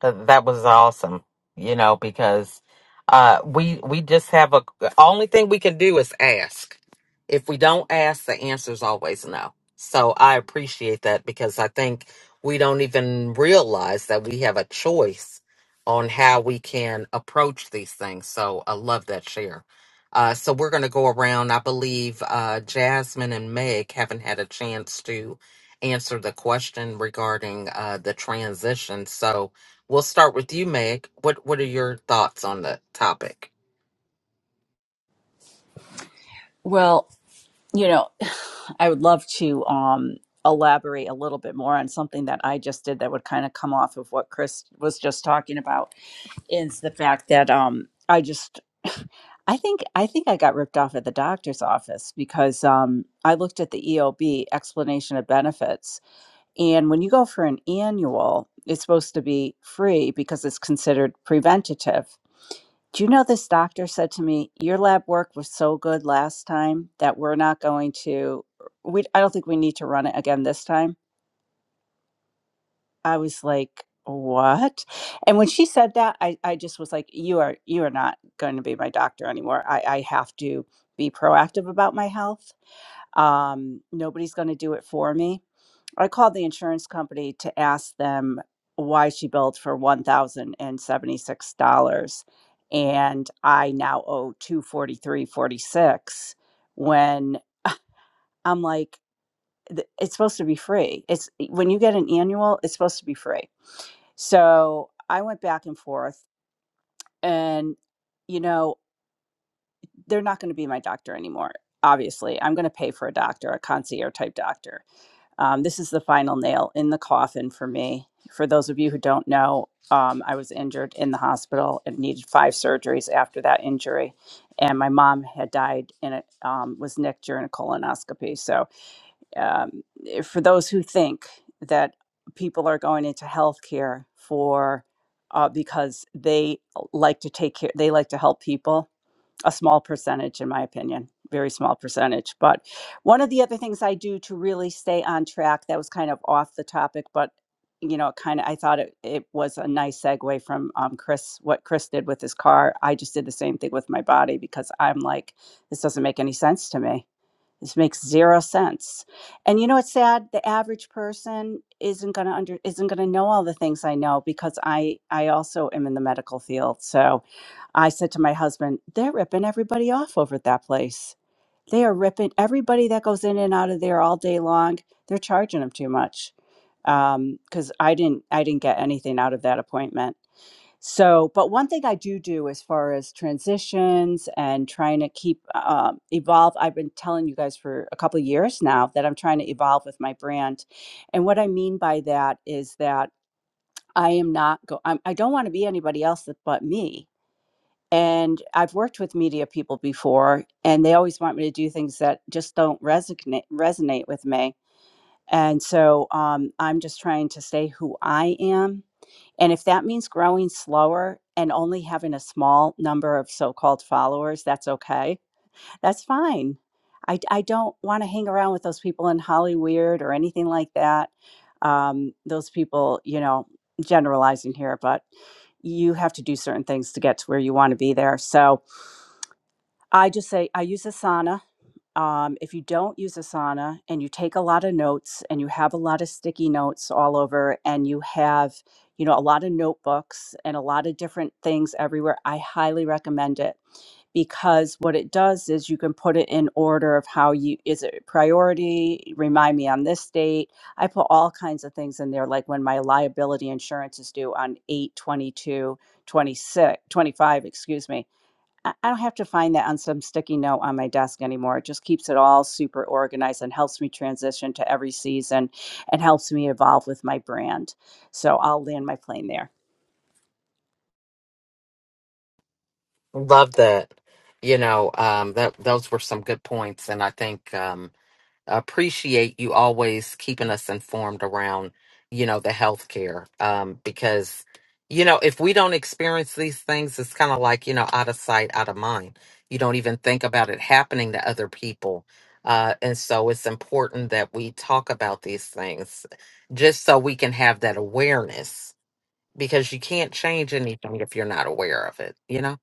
Speaker 1: Th- that was awesome you know because uh we we just have a the only thing we can do is ask if we don't ask the answer is always no so i appreciate that because i think we don't even realize that we have a choice on how we can approach these things so i love that share uh, so we're going to go around i believe uh, jasmine and meg haven't had a chance to answer the question regarding uh, the transition so We'll start with you, Meg. What What are your thoughts on the topic?
Speaker 5: well you know i would love to um, elaborate a little bit more on something that i just did that would kind of come off of what chris was just talking about is the fact that um I just I think I think I got ripped off at the doctor's office because um I looked at the EOB explanation of benefits and when you go for an annual it's supposed to be free because it's considered preventative. Do you know this doctor said to me, "Your lab work was so good last time that we're not going to we I don't think we need to run it again this time." I was like, what? And when she said that, I, I just was like, you are you are not going to be my doctor anymore. I, I have to be proactive about my health. Um, nobody's going to do it for me. I called the insurance company to ask them why she billed for one thousand and seventy six dollars, and I now owe two forty three forty six. When I'm like, th- it's supposed to be free. It's when you get an annual, it's supposed to be free so I went back and forth, and you know, they're not going to be my doctor anymore. Obviously, I'm going to pay for a doctor, a concierge type doctor. Um, this is the final nail in the coffin for me. For those of you who don't know, um, I was injured in the hospital and needed five surgeries after that injury. And my mom had died and it um, was nicked during a colonoscopy. So um, eh, for those who think that people are going into healthcare for uh, because they like to take care, they like to help people. A small percentage, in my opinion, very small percentage. But one of the other things I do to really stay on track that was kind of off the topic, but you know, kind of I thought it, it was a nice segue from um, Chris what Chris did with his car. I just did the same thing with my body because I'm like, this doesn't make any sense to me this makes zero sense. And you know it's sad? The average person isn't gonna under isn't gonna know all the things I know because I I also am in the medical field. So I said to my husband, they're ripping everybody off over at that place. They are ripping everybody that goes in and out of there all day long. They're charging them too much. Um, because I didn't I didn't get anything out of that appointment so, but one thing I do do as far as transitions and trying to keep um, evolve, I've been telling you guys for a couple of years now that I'm trying to evolve with my brand. And what I mean by that is that I am not go. I'm, I don't want to be anybody else that, but me. And I've worked with media people before, and they always want me to do things that just don't resonate resonate with me and so um, I'm just trying to stay who I am. And if that means growing slower and only having a small number of so called followers, that's okay. That's fine. I, I don't want to hang around with those people in Hollywood or anything like that. Um, those people, you know, generalizing here, but you have to do certain things to get to where you want to be there. So I just say, I use Asana um, if you don't use Asana and you take a lot of notes and you have a lot of sticky notes all over and you have, you know, a lot of notebooks and a lot of different things everywhere, I highly recommend it because what it does is you can put it in order of how you is it priority, remind me on this date. I put all kinds of things in there, like when my liability insurance is due on 8 22 26 25. excuse me I I don't have to find that on some sticky note on my desk anymore. It just keeps it all super organized and helps me transition to every season and helps me evolve with my brand. So I'll land my plane there.
Speaker 1: Love that. You know, um, that those were some good points, and I think um, appreciate you always keeping us informed around, you know, the healthcare um, because, you know, if we don't experience these things, it's kind of like you know, out of sight, out of mind. You don't even think about it happening to other people, uh, and so it's important that we talk about these things just so we can have that awareness because you can't change anything if you're not aware of it, you know?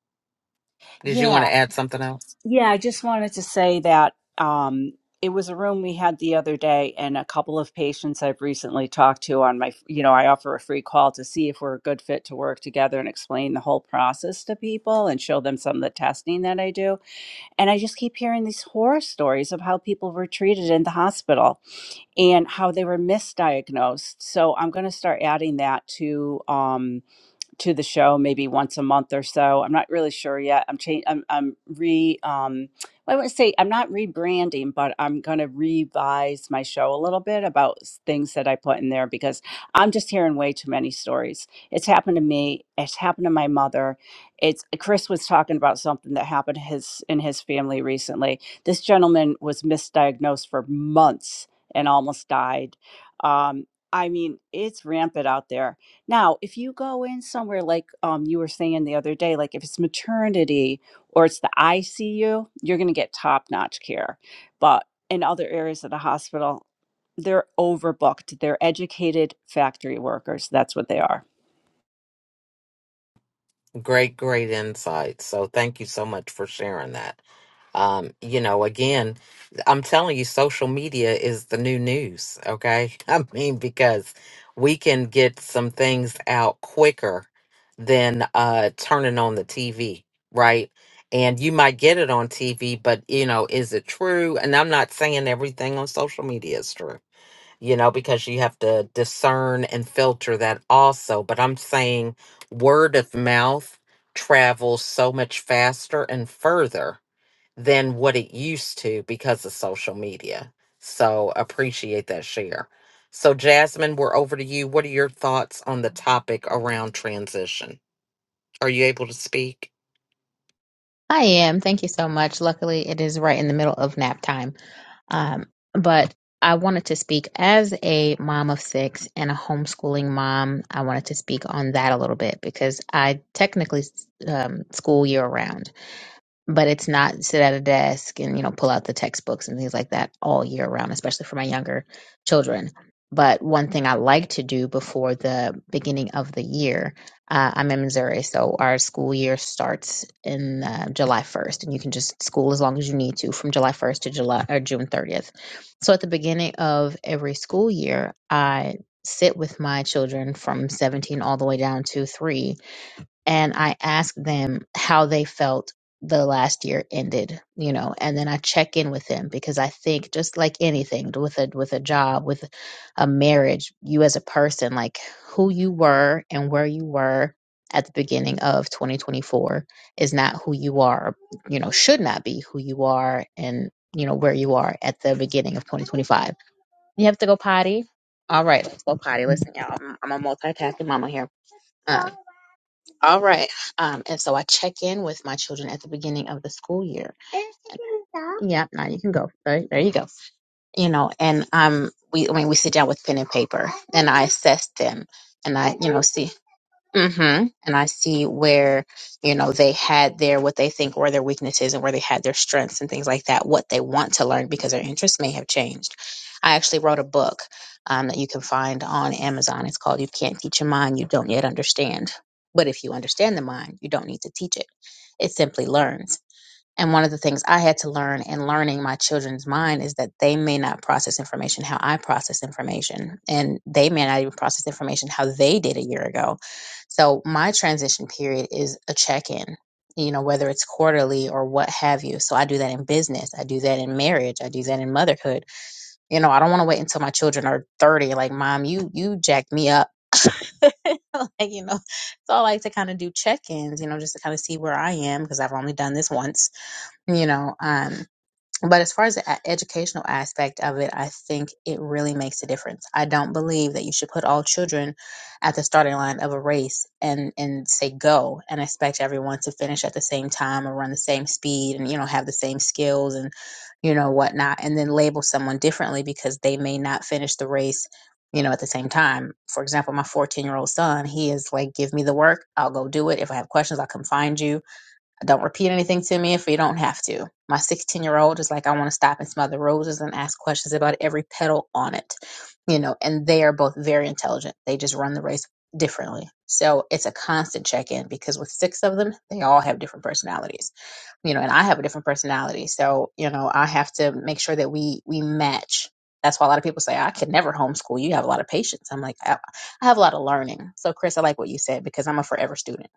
Speaker 1: Did you
Speaker 5: Yeah.
Speaker 1: want to add something else?
Speaker 5: Yeah, I just wanted to say that um, it was a room we had the other day, and a couple of patients I've recently talked to on my, you know, I offer a free call to see if we're a good fit to work together and explain the whole process to people and show them some of the testing that I do. And I just keep hearing these horror stories of how people were treated in the hospital and how they were misdiagnosed. So I'm going to start adding that to. Um, to the show maybe once a month or so. I'm not really sure yet. I'm changing. I'm, I'm re. Um, well, I wouldn't say I'm not rebranding, but I'm going to revise my show a little bit about s- things that I put in there because I'm just hearing way too many stories. It's happened to me. It's happened to my mother. It's Chris was talking about something that happened his in his family recently. This gentleman was misdiagnosed for months and almost died. Um, I mean, it's rampant out there now, if you go in somewhere like um, you were saying the other day, like if it's maternity or it's the ICU, you're going to get top notch care. But in other areas of the hospital, they're overbooked. They're educated factory workers. That's what they are.
Speaker 1: Great, great insight. So thank you so much for sharing that. Um, you know, again, I'm telling you, social media is the new news, okay? I mean, because we can get some things out quicker than uh turning on the TV, right? And you might get it on TV, but you know, is it true? And I'm not saying everything on social media is true you know, because you have to discern and filter that also. But I'm saying word of mouth travels so much faster and further than what it used to because of social media. So appreciate that share. So, Jasmine, we're over to you. What are your thoughts on the topic around transition? Are you able to speak?
Speaker 4: I am. Thank you so much. Luckily, it is right in the middle of nap time. Um, but I wanted to speak as a mom of six and a homeschooling mom. I wanted to speak on that a little bit because I technically um, school year round. but it's not sit at a desk and you know pull out the textbooks and things like that all year round especially for my younger children but one thing i like to do before the beginning of the year uh, i'm in missouri so our school year starts in uh, july 1st and you can just school as long as you need to from july 1st to july or june 30th so at the beginning of every school year i sit with my children from 17 all the way down to 3 and I ask them how they felt the last year ended, you know, and then I check in with them because I think just like anything with a with a job, with a marriage, you as a person, like who you were and where you were at the beginning of 2024 is not who you are, you know, should not be who you are and you know where you are at the beginning of 2025. You have to go potty. All right, let's go potty. Listen, y'all, I'm, I'm a multitasking mama here. Um, all right. Um, and so I check in with my children at the beginning of the school year. Yeah, Now you can go. There, there you go. You know, and um, we I mean we sit down with pen and paper, and I assess them, and I you know see. hmm And I see where, you know, they had their what they think were their weaknesses and where they had their strengths and things like that, what they want to learn because their interests may have changed. I actually wrote a book um, that you can find on Amazon. It's called You Can't Teach a Mind You Don't Yet Understand. But if you understand the mind, you don't need to teach it. It simply learns. And one of the things I had to learn in learning my children's mind is that they may not process information how I process information, and they may not even process information how they did a year ago. So my transition period is a check in, you know, whether it's quarterly or what have you. So I do that in business, I do that in marriage, I do that in motherhood. You know, I don't want to wait until my children are 30 like, "Mom, you you jacked me up." like, you know, so I like to kind of do check-ins, you know, just to kind of see where I am because I've only done this once you know um but as far as the a- educational aspect of it i think it really makes a difference i don't believe that you should put all children at the starting line of a race and and say go and expect everyone to finish at the same time or run the same speed and you know have the same skills and you know whatnot and then label someone differently because they may not finish the race you know at the same time for example my 14 year old son he is like give me the work i'll go do it if i have questions i'll come find you don't repeat anything to me if you don't have to. My 16 year old is like, I want to stop and smell the roses and ask questions about every petal on it, you know, and they are both very intelligent. They just run the race differently. So it's a constant check in because with six of them, they all have different personalities you know, and I have a different personality. So, you know, I have to make sure that we we match. That's why a lot of people say I could never homeschool. You have a lot of patience. I'm like, I, I have a lot of learning. So, Chris, I like what you said because I'm a forever student.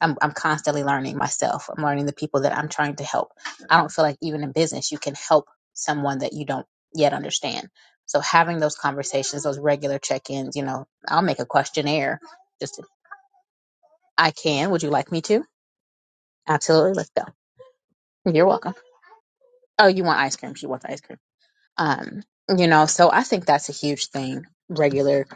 Speaker 4: I'm I'm constantly learning myself. I'm learning the people that I'm trying to help. I don't feel like even in business you can help someone that you don't yet understand. So having those conversations, those regular check-ins, you know, I'll make a questionnaire. Just I can. Would you like me to? Absolutely. Let's go. You're welcome. Oh, you want ice cream? She wants ice cream. Um, you know, so I think that's a huge thing. Regular,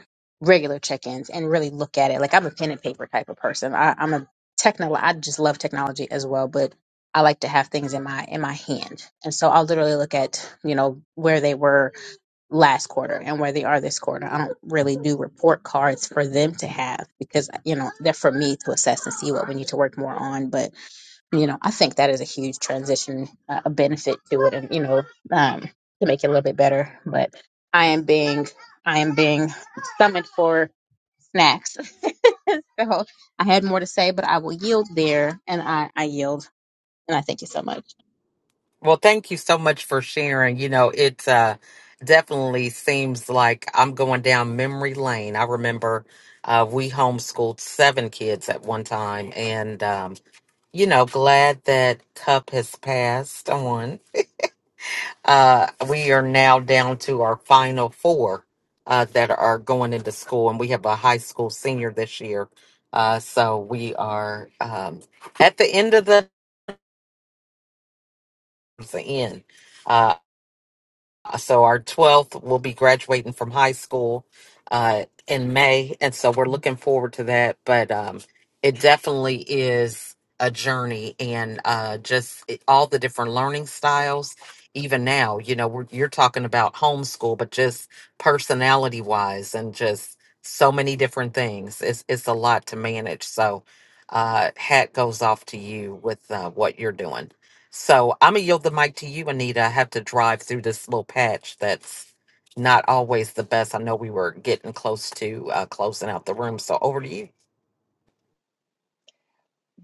Speaker 4: regular check-ins, and really look at it. Like I'm a pen and paper type of person. I, I'm a techno. I just love technology as well, but I like to have things in my in my hand. And so I'll literally look at you know where they were last quarter and where they are this quarter. I don't really do report cards for them to have because you know they're for me to assess and see what we need to work more on, but you know, I think that is a huge transition, uh, a benefit to it, and you know, um, to make it a little bit better. But I am being, I am being summoned for snacks, so I had more to say, but I will yield there, and I, I yield, and I thank you so much.
Speaker 1: Well, thank you so much for sharing. You know, it uh, definitely seems like I'm going down memory lane. I remember uh, we homeschooled seven kids at one time, and um, you know, glad that Cup has passed on. Uh, we are now down to our final four uh, that are going into school, and we have a high school senior this year. Uh, so we are um, at the end of the, the end. Uh, Uh, so our 12th will be graduating from high school uh, in may and so we're looking forward to that but um, it definitely is a journey and uh, just it, all the different learning styles even now you know we're, you're talking about homeschool but just personality wise and just so many different things it's, it's a lot to manage so uh, hat goes off to you with uh, what you're doing so I'm gonna yield the mic to you, Anita. I have to drive through this little patch that's not always the best. I know we were getting close to uh, closing out the room, so over to you.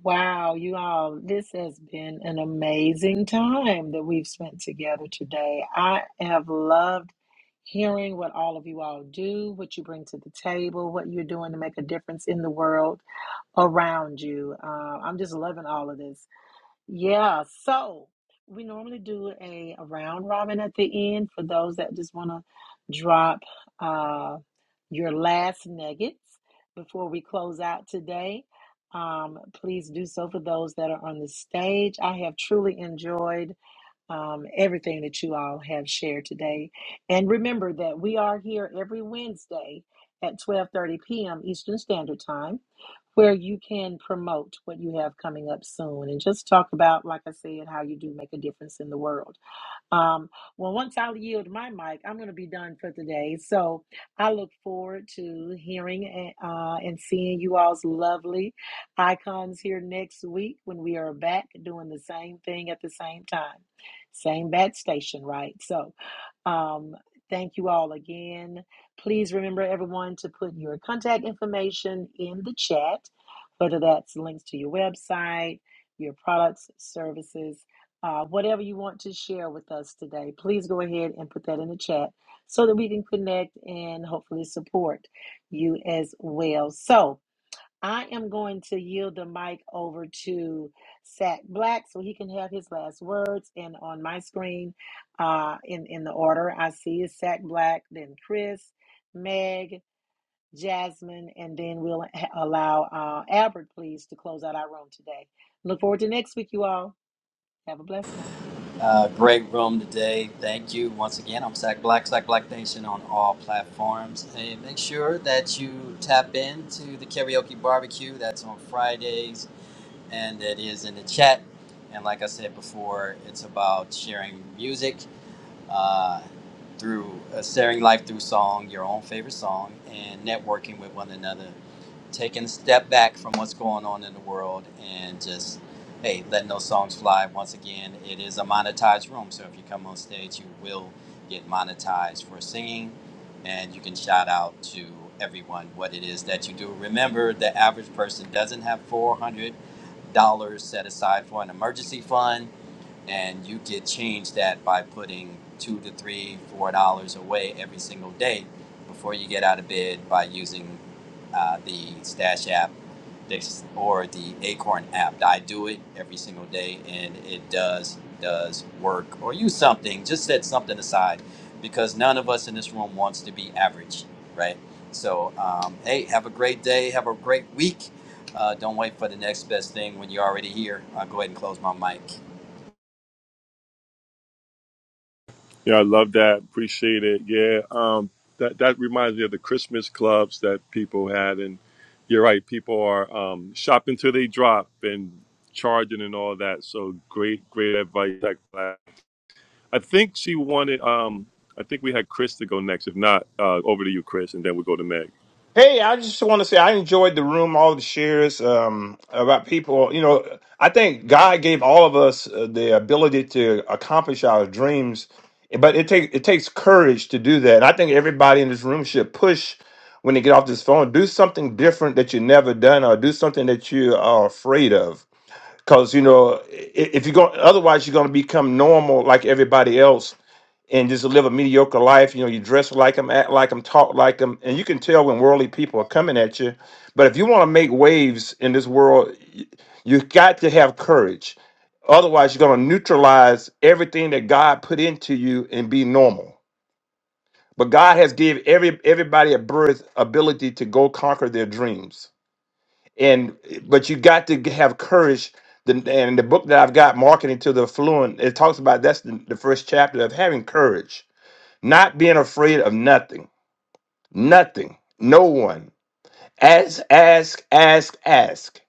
Speaker 3: Wow, you all, this has been an amazing time that we've spent together today. I have loved hearing what all of you all do, what you bring to the table, what you're doing to make a difference in the world around you. Uh, I'm just loving all of this. Yeah, so we normally do a, a round robin at the end for those that just want to drop uh, your last nuggets before we close out today. Um, please do so for those that are on the stage. I have truly enjoyed um, everything that you all have shared today. And remember that we are here every Wednesday at 12:30 p.m. Eastern Standard Time where you can promote what you have coming up soon and just talk about, like I said, how you do make a difference in the world. Um, well, once I yield my mic, I'm going to be done for today. So I look forward to hearing and, uh, and seeing you all's lovely icons here next week when we are back doing the same thing at the same time. Same bat station, right? So um, thank you all again. Please remember, everyone, to put your contact information in the chat, whether that's links to your website, your products, services uh, whatever you want to share with us today, please go ahead and put that in the chat so that we can connect and hopefully support you as well. So I am going to yield the mic over to Sack Black so he can have his last words. And on my screen, uh, in, in the order I see is Sack Black, then Chris, Meg, Jasmine, and then we'll ha- allow uh, Albert, please, to close out our room today. Look forward to next week, you all. Have a blessed one.
Speaker 8: Uh, great room today. Thank you once again. I'm Sack Black, Sack Black Nation on all platforms. And make sure that you tap into the karaoke barbecue that's on Fridays and it is in the chat. And like I said before, it's about sharing music uh, through uh, sharing life through song, your own favorite song, and networking with one another taking a step back from what's going on in the world and just hey letting those songs fly once again it is a monetized room so if you come on stage you will get monetized for singing and you can shout out to everyone what it is that you do remember the average person doesn't have $400 set aside for an emergency fund and you could change that by putting two to three, four dollars away every single day before you get out of bed by using uh, the Stash app this- or the Acorn app. I do it every single day, and it does does work. Or use something, just set something aside, because none of us in this room wants to be average, right? So, um, hey, have a great day, have a great week. Uh, don't wait for the next best thing when you're already here. I'll go ahead and close my mic.
Speaker 2: Yeah, I love that. Appreciate it. Yeah, um, that that reminds me of the Christmas clubs that people had, and you're right. People are um, shopping till they drop and charging and all that. So great, great advice. I think she wanted. Um, I think we had Chris to go next. If not, uh, over to you, Chris, and then we'll go to Meg.
Speaker 9: Hey, I just want to say I enjoyed the room, all the shares um, about people. You know, I think God gave all of us uh, the ability to accomplish our dreams, but it takes it takes courage to do that. And I think everybody in this room should push when they get off this phone, do something different that you never done, or do something that you are afraid of because you know i- if you're going otherwise you're going to become normal like everybody else and just live a mediocre life you know you dress like them act like them talk like them and you can tell when worldly people are coming at you but if you want to make waves in this world y- you got to have courage otherwise you're going to neutralize everything that god put into you and be normal but god has gave every everybody a birth ability to go conquer their dreams and but you got to have courage the, and the book that i've got marketing to the affluent it talks about that's the, the first chapter of having courage not being afraid of nothing nothing no one Ask, ask, ask, ask.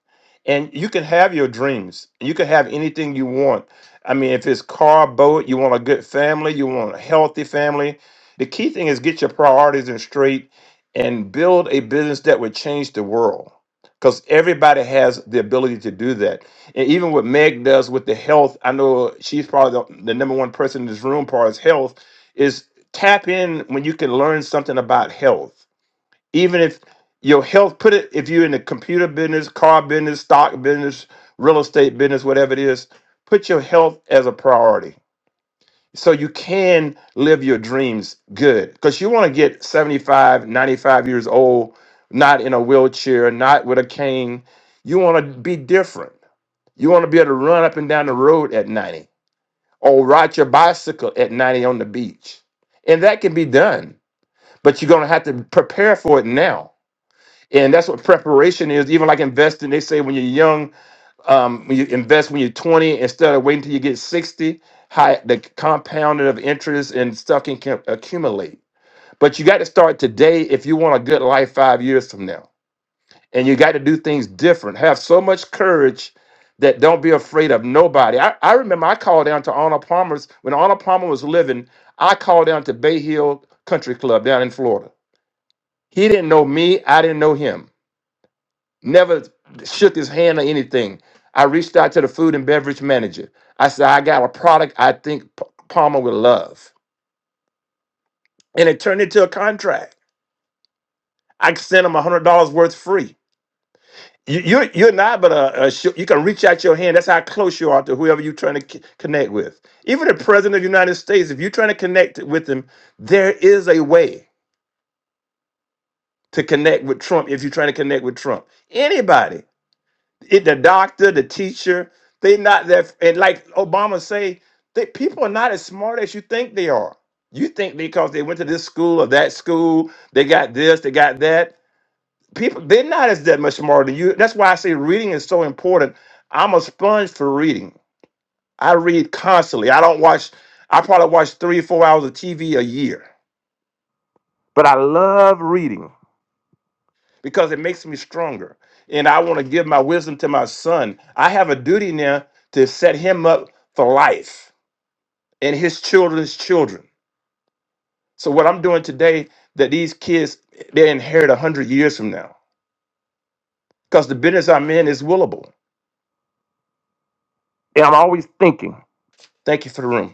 Speaker 9: And you can have your dreams. You can have anything you want. I mean, if it's car, boat, you want a good family, you want a healthy family. The key thing is get your priorities in straight and build a business that would change the world. Because everybody has the ability to do that. And even what Meg does with the health, I know she's probably the, the number one person in this room, as far as health, is tap in when you can learn something about health even if your health put it if you're in the computer business car business stock business real estate business whatever it is put your health as a priority so you can live your dreams good because you want to get 75 95 years old not in a wheelchair not with a cane you want to be different you want to be able to run up and down the road at 90 or ride your bicycle at 90 on the beach and that can be done but you're going to have to prepare for it now and that's what preparation is even like investing they say when you're young um, when you invest when you're 20 instead of waiting till you get 60 high the compounding of interest and stuff can, can accumulate but you got to start today if you want a good life five years from now and you got to do things different have so much courage that don't be afraid of nobody i, I remember i called down to arnold palmer's when arnold palmer was living i called down to bay hill country club down in florida he didn't know me i didn't know him never shook his hand or anything. I reached out to the food and beverage manager. I said, I got a product I think P- Palmer would love. And it turned into a contract. I sent him $100 worth free. You, you're, you're not, but a, a sh- you can reach out your hand. That's how close you are to whoever you're trying to c- connect with. Even the president of the United States, if you're trying to connect with him, there is a way to connect with Trump if you're trying to connect with Trump. Anybody. it, the doctor, the teacher, they not that. And like Obama say, that people are not as smart as you think they are. You think because they went to this school or that school, they got this, they got that. People, they're not as that much smarter than you. That's why I say reading is so important. I'm a sponge for reading. I read constantly. I don't watch. I probably watch three, four hours of TV a year, but I love reading. because it makes me stronger. And I want to give my wisdom to my son. I have a duty now to set him up for life and his children's children. So what I'm doing today that these kids they inherit a hundred years from now. Because the business I'm in is willable. And I'm always thinking. Thank you for the room.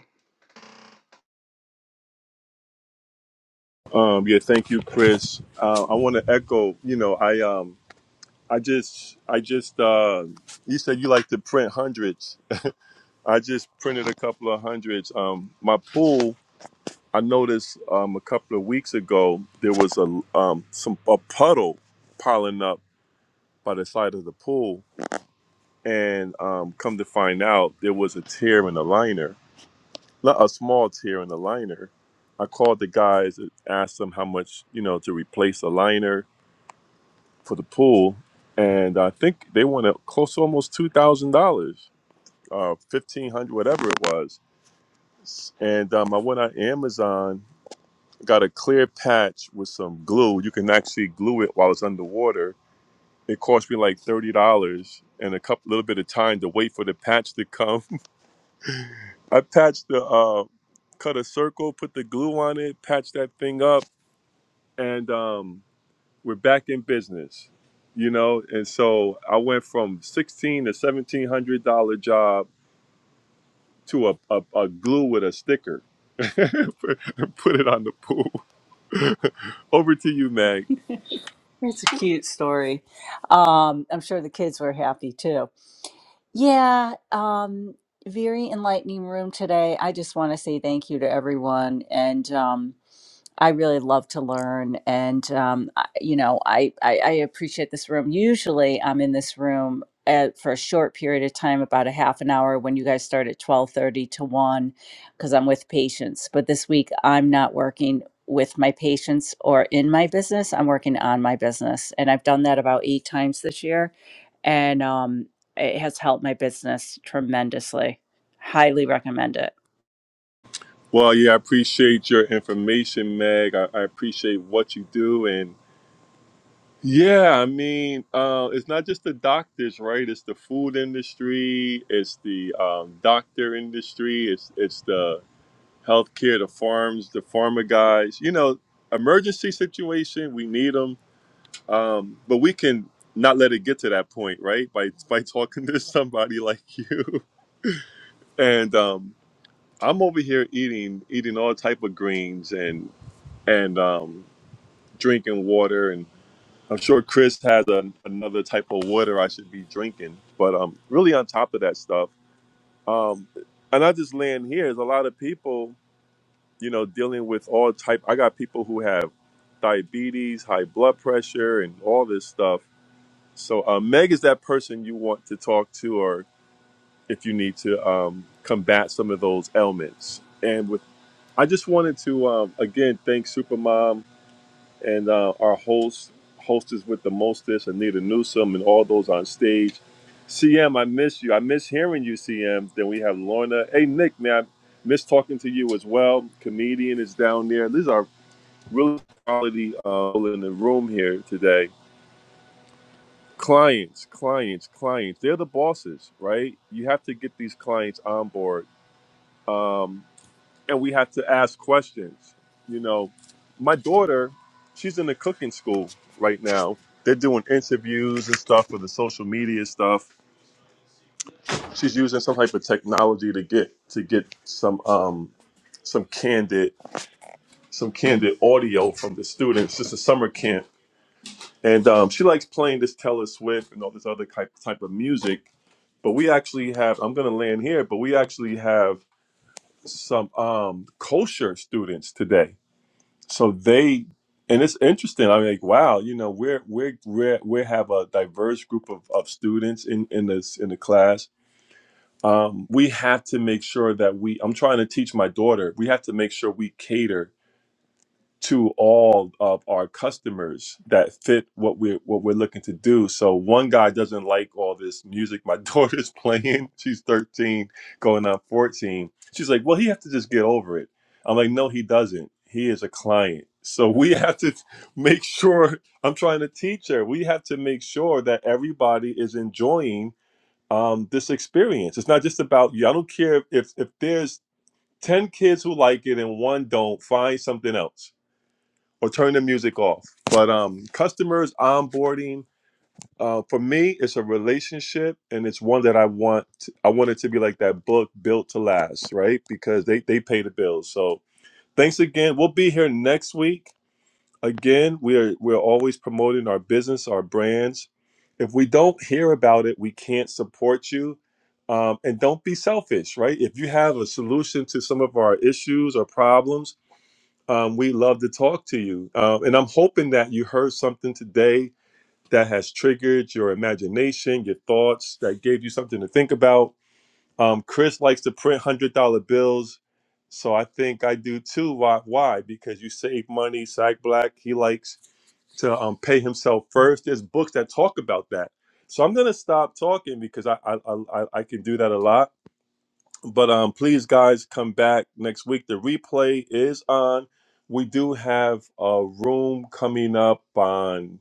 Speaker 2: Um, yeah, thank you, Chris. Uh, I want to echo. You know, I um, I just, I just. Uh, you said you like to print hundreds. I just printed a couple of hundreds. Um, my pool. I noticed um, a couple of weeks ago there was a um, some a puddle piling up by the side of the pool, and um, come to find out there was a tear in the liner li- a small tear in the liner. I called the guys and asked them how much you know to replace the liner for the pool, and I think they wanted close to almost two thousand dollars, uh, fifteen hundred, whatever it was. And um, I went on Amazon, got a clear patch with some glue. You can actually glue it while it's underwater. It cost me like thirty dollars and a couple little bit of time to wait for the patch to come. I patched the uh, cut a circle, put the glue on it, patched that thing up and um, we're back in business, you know. And so I went from sixteen to seventeen hundred dollar job to a, a, a glue with a sticker and put it on the pool. Over to you, Meg.
Speaker 5: It's a cute story. Um, I'm sure the kids were happy too. Yeah, um, very enlightening room today. I just want to say thank you to everyone. And um, I really love to learn, and um, I, you know, I, I I appreciate this room. Usually, I'm in this room at, for a short period of time, about a half an hour, when you guys start at twelve thirty to one, because I'm with patients. But this week, I'm not working with my patients or in my business. I'm working on my business, and I've done that about eight times this year, and um, it has helped my business tremendously. Highly recommend it.
Speaker 2: Well, yeah, I appreciate your information, Meg. I, I appreciate what you do, and yeah, I mean, uh, it's not just the doctors, right? It's the food industry, it's the um, doctor industry, it's it's the healthcare, the farms, the farmer guys. You know, emergency situation, we need them, um, but we can not let it get to that point, right? By by talking to somebody like you, and um, I'm over here eating eating all type of greens and and um, drinking water, and I'm sure Chris has a, another type of water I should be drinking, but um, really on top of that stuff. Um, and I just land here is a lot of people you know, dealing with all type. I got people who have diabetes, high blood pressure, and all this stuff. So uh, Meg is that person you want to talk to, or if you need to um, combat some of those ailments. And with, I just wanted to um, again thank Supermom and uh, our host, hostess with the mostest, Anita Newsom, and all those on stage. CM, I miss you. I miss hearing you, CM. Then we have Lorna. Hey, Nick, man, I miss talking to you as well. Comedian is down there. These are really quality uh, in the room here today. Clients, clients, clients. They're the bosses, right? You have to get these clients on board, um, and we have to ask questions. You know, my daughter, she's in the cooking school right now. They're doing interviews and stuff for the social media stuff. She's using some type of technology to get to get some um, some candid some candid audio from the students. Just a summer camp and um, she likes playing this Taylor Swift and all this other type type of music. But we actually have I'm gonna land here, but we actually have some um, kosher students today. So they and it's interesting. I'm like, wow, you know, we're we're we're we have a diverse group of, of students in in this in the class. Um, we have to make sure that we. I'm trying to teach my daughter. We have to make sure we cater to all of our customers that fit what we're what we're looking to do. So one guy doesn't like all this music my daughter's playing. She's 13, going on 14. She's like, well, he has to just get over it. I'm like, no, he doesn't. He is a client. So we have to make sure I'm trying to teach her. We have to make sure that everybody is enjoying um, this experience. It's not just about you. I don't care if if there's 10 kids who like it and one don't, find something else or turn the music off. But um, customers onboarding uh, for me, it's a relationship, and it's one that I want. I want it to be like that book built to last, right? Because they they pay the bills. So thanks again. We'll be here next week. Again, we are we're always promoting our business, our brands. If we don't hear about it, we can't support you. Um, and don't be selfish, right? If you have a solution to some of our issues or problems um, we love to talk to you. Uh, and I'm hoping that you heard something today that has triggered your imagination, your thoughts, that gave you something to think about. Um, Chris likes to print $100 bills. So I think I do too. Why? Why? Because you save money. Sack Black, he likes to um, pay himself first. There's books that talk about that. So I'm going to stop talking because I, I, I, I I can do that a lot but um, please, guys, come back next week. The replay is on. We do have a room coming up on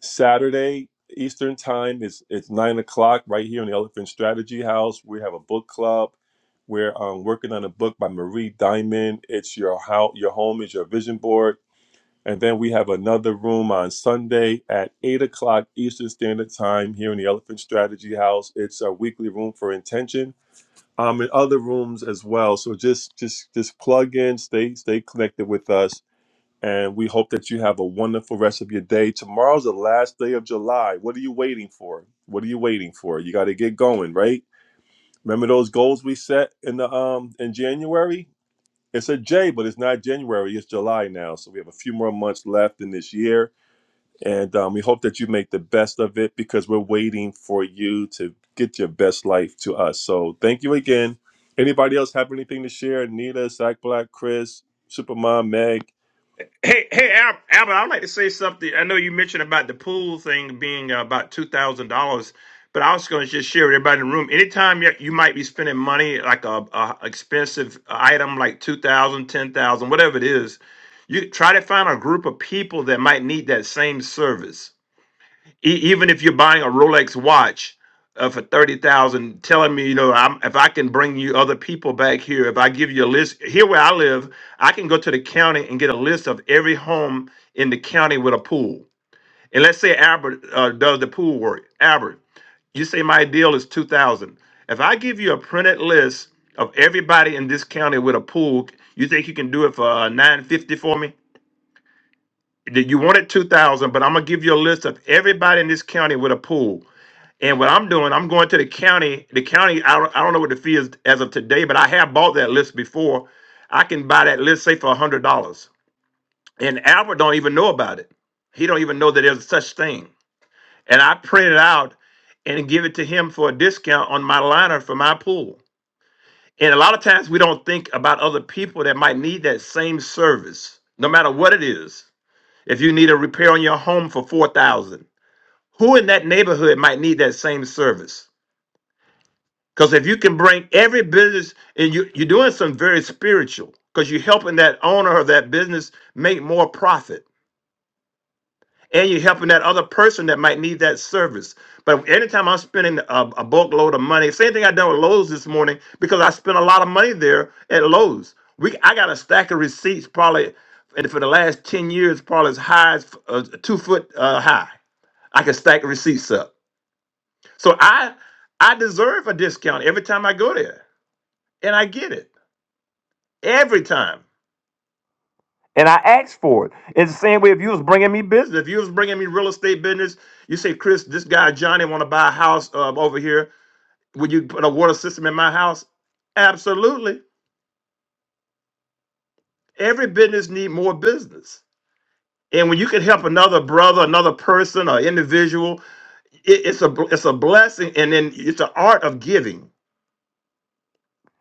Speaker 2: Saturday Eastern Time. It's it's nine o'clock right here in the Elephant Strategy House. We have a book club. We're um, working on a book by Marie Diamond. It's your how your home is your vision board. And then we have another room on Sunday at eight o'clock Eastern Standard Time here in the Elephant Strategy House. It's a weekly room for intention um, in other rooms as well. So just just just plug in, stay stay connected with us, and we hope that you have a wonderful rest of your day. Tomorrow's the last day of July. What are you waiting for? What are you waiting for? You got to get going, right? Remember those goals we set in the um in January? It's a J, but it's not January. It's July now, so we have a few more months left in this year and um, we hope that you make the best of it because we're waiting for you to get your best life to us. So thank you again. Anybody else have anything to share? Nita, Zach Black, Chris, Supermom, Meg.
Speaker 9: Hey, hey, Al- Albert, I'd like to say something. I know you mentioned about the pool thing being uh, about two thousand dollars, but I was going to just share with everybody in the room. Anytime you, you might be spending money like a, a expensive item like two thousand, ten thousand, whatever it is, you try to find a group of people that might need that same service. E- even if you're buying a Rolex watch uh, for thirty thousand, telling me, you know, I'm, if I can bring you other people back here, if I give you a list here where I live, I can go to the county and get a list of every home in the county with a pool. And let's say Albert uh, does the pool work. Albert, you say my deal is two thousand. If I give you a printed list of everybody in this county with a pool, you think you can do it for uh, nine fifty for me? That You wanted two thousand, but I'm gonna give you a list of everybody in this county with a pool and what I'm doing, I'm going to the county. The county, I don't, I don't know what the fee is as of today, but I have bought that list before. I can buy that list, say, for a hundred dollars. And Albert don't even know about it. He don't even know that there's such thing. And I print it out and give it to him for a discount on my liner for my pool. And a lot of times we don't think about other people that might need that same service, no matter what it is. If you need a repair on your home for four thousand, who in that neighborhood might need that same service? Because if you can bring every business and you, you're doing something very spiritual, because you're helping that owner of that business make more profit. And you're helping that other person that might need that service. But anytime I'm spending a, a bulk load of money, same thing I done with Lowe's this morning, because I spent a lot of money there at Lowe's. We I got a stack of receipts probably and for the last 10 years, probably as high as uh, two foot uh, high. I can stack receipts up. So I I deserve a discount every time I go there. And I get it. Every time. And I asked for it. It's the same way if you was bringing me business. If you was bringing me real estate business, you say, Chris, this guy Johnny want to buy a house um, over here. Would you put a water system in my house? Absolutely. Every business need more business, and when you can help another brother, another person, or individual, it, it's a it's a blessing, and then it's an art of giving.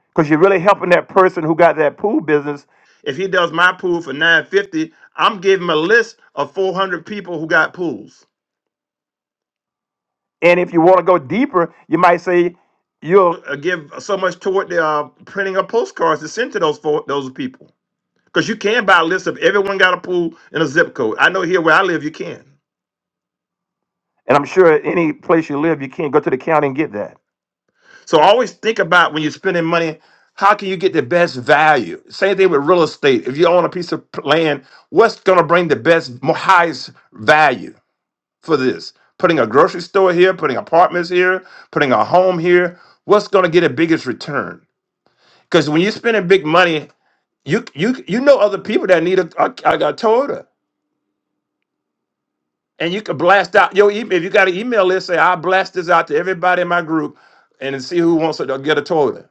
Speaker 9: Because you're really helping that person who got that pool business. If he does my pool for nine fifty, I'm giving him a list of four hundred people who got pools. And if you want to go deeper, you might say you'll uh, give so much toward the uh, printing of postcards to send to those fo- those people. Because you can buy a list of everyone got a pool in a zip code. I know here where I live, you can. And I'm sure any place you live, you can go to the county and get that. So always think about when you're spending money, how can you get the best value? Same thing with real estate. If you own a piece of p- land, what's going to bring the best, mo- highest value? for this. Putting a grocery store here, putting apartments here, putting a home here. What's going to get the biggest return? Because when you're spending big money, you you you know other people that need a, a, like a Toyota, and you can blast out your email. If you got an email list, say I blast this out to everybody in my group, and see who wants to get a Toyota.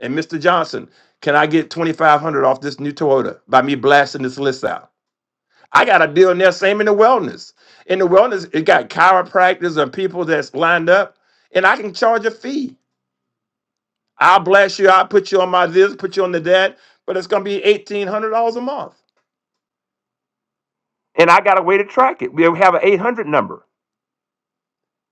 Speaker 9: And Mr. Johnson, can I get twenty five hundred off this new Toyota by me blasting this list out? I got a bill in there, same in the wellness. In the wellness, it got chiropractors and people that's lined up, and I can charge a fee. I'll bless you, I'll put you on my this, put you on the that, but it's gonna be eighteen hundred dollars a month. And I got a way to track it. We have an eight hundred number.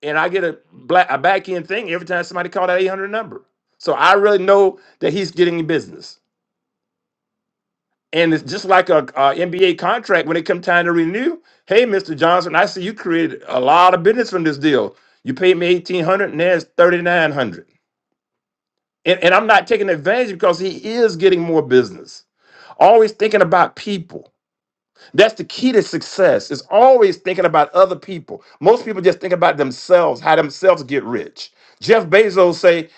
Speaker 9: And I get a black a back end thing every time somebody call that eight hundred number. So I really know that he's getting business. And it's just like a, NBA contract when it comes time to renew. Hey, Mr. Johnson, I see you created a lot of business from this deal. You paid me eighteen hundred, and there's thirty nine hundred. And, and I'm not taking advantage because he is getting more business. Always thinking about people. That's the key to success. Is always thinking about other people. Most people just think about themselves, how themselves get rich. Jeff Bezos say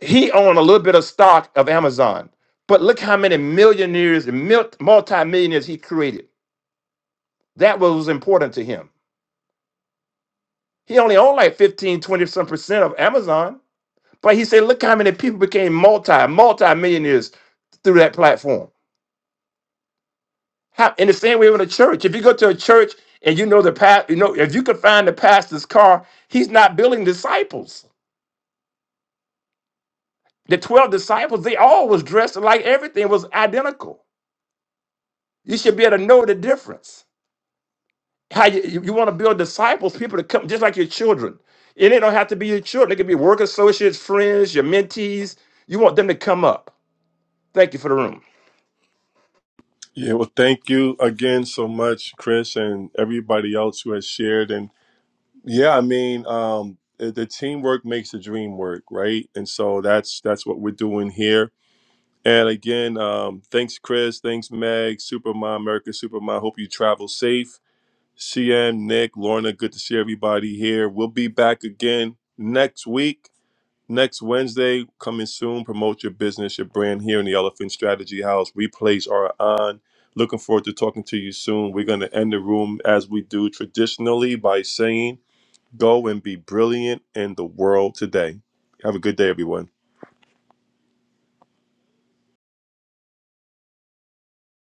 Speaker 9: he owned a little bit of stock of Amazon, but look how many millionaires and mil- multimillionaires he created That was important to him. He only owned like 15, 20 some percent of Amazon. But he said, look how many people became multi, multi millionaires through that platform. How, in the same way with a church, if you go to a church and you know the past, you know, if you could find the pastor's car, he's not building disciples. The 12 disciples, they all was dressed like everything was identical. You should be able to know the difference. how you, you you want to build disciples, people to come just like your children. And it don't have to be your children. It could be work associates, friends, your mentees. You want them to come up. Thank you for the room.
Speaker 2: Yeah, well, thank you again so much, Chris, and everybody else who has shared. And yeah, I mean, um, the the teamwork makes the dream work, right? And so that's that's what we're doing here. And again, um, thanks, Chris. Thanks, Meg. Supermom, America Supermom. Hope you travel safe CM, Nick, Lorna, good to see everybody here. We'll be back again next week, next Wednesday. Coming soon, promote your business, your brand here in the Elephant Strategy House. Replays are on. Looking forward to talking to you soon. We're going to end the room as we do traditionally by saying, Go and be brilliant in the world today. Have a good day, everyone.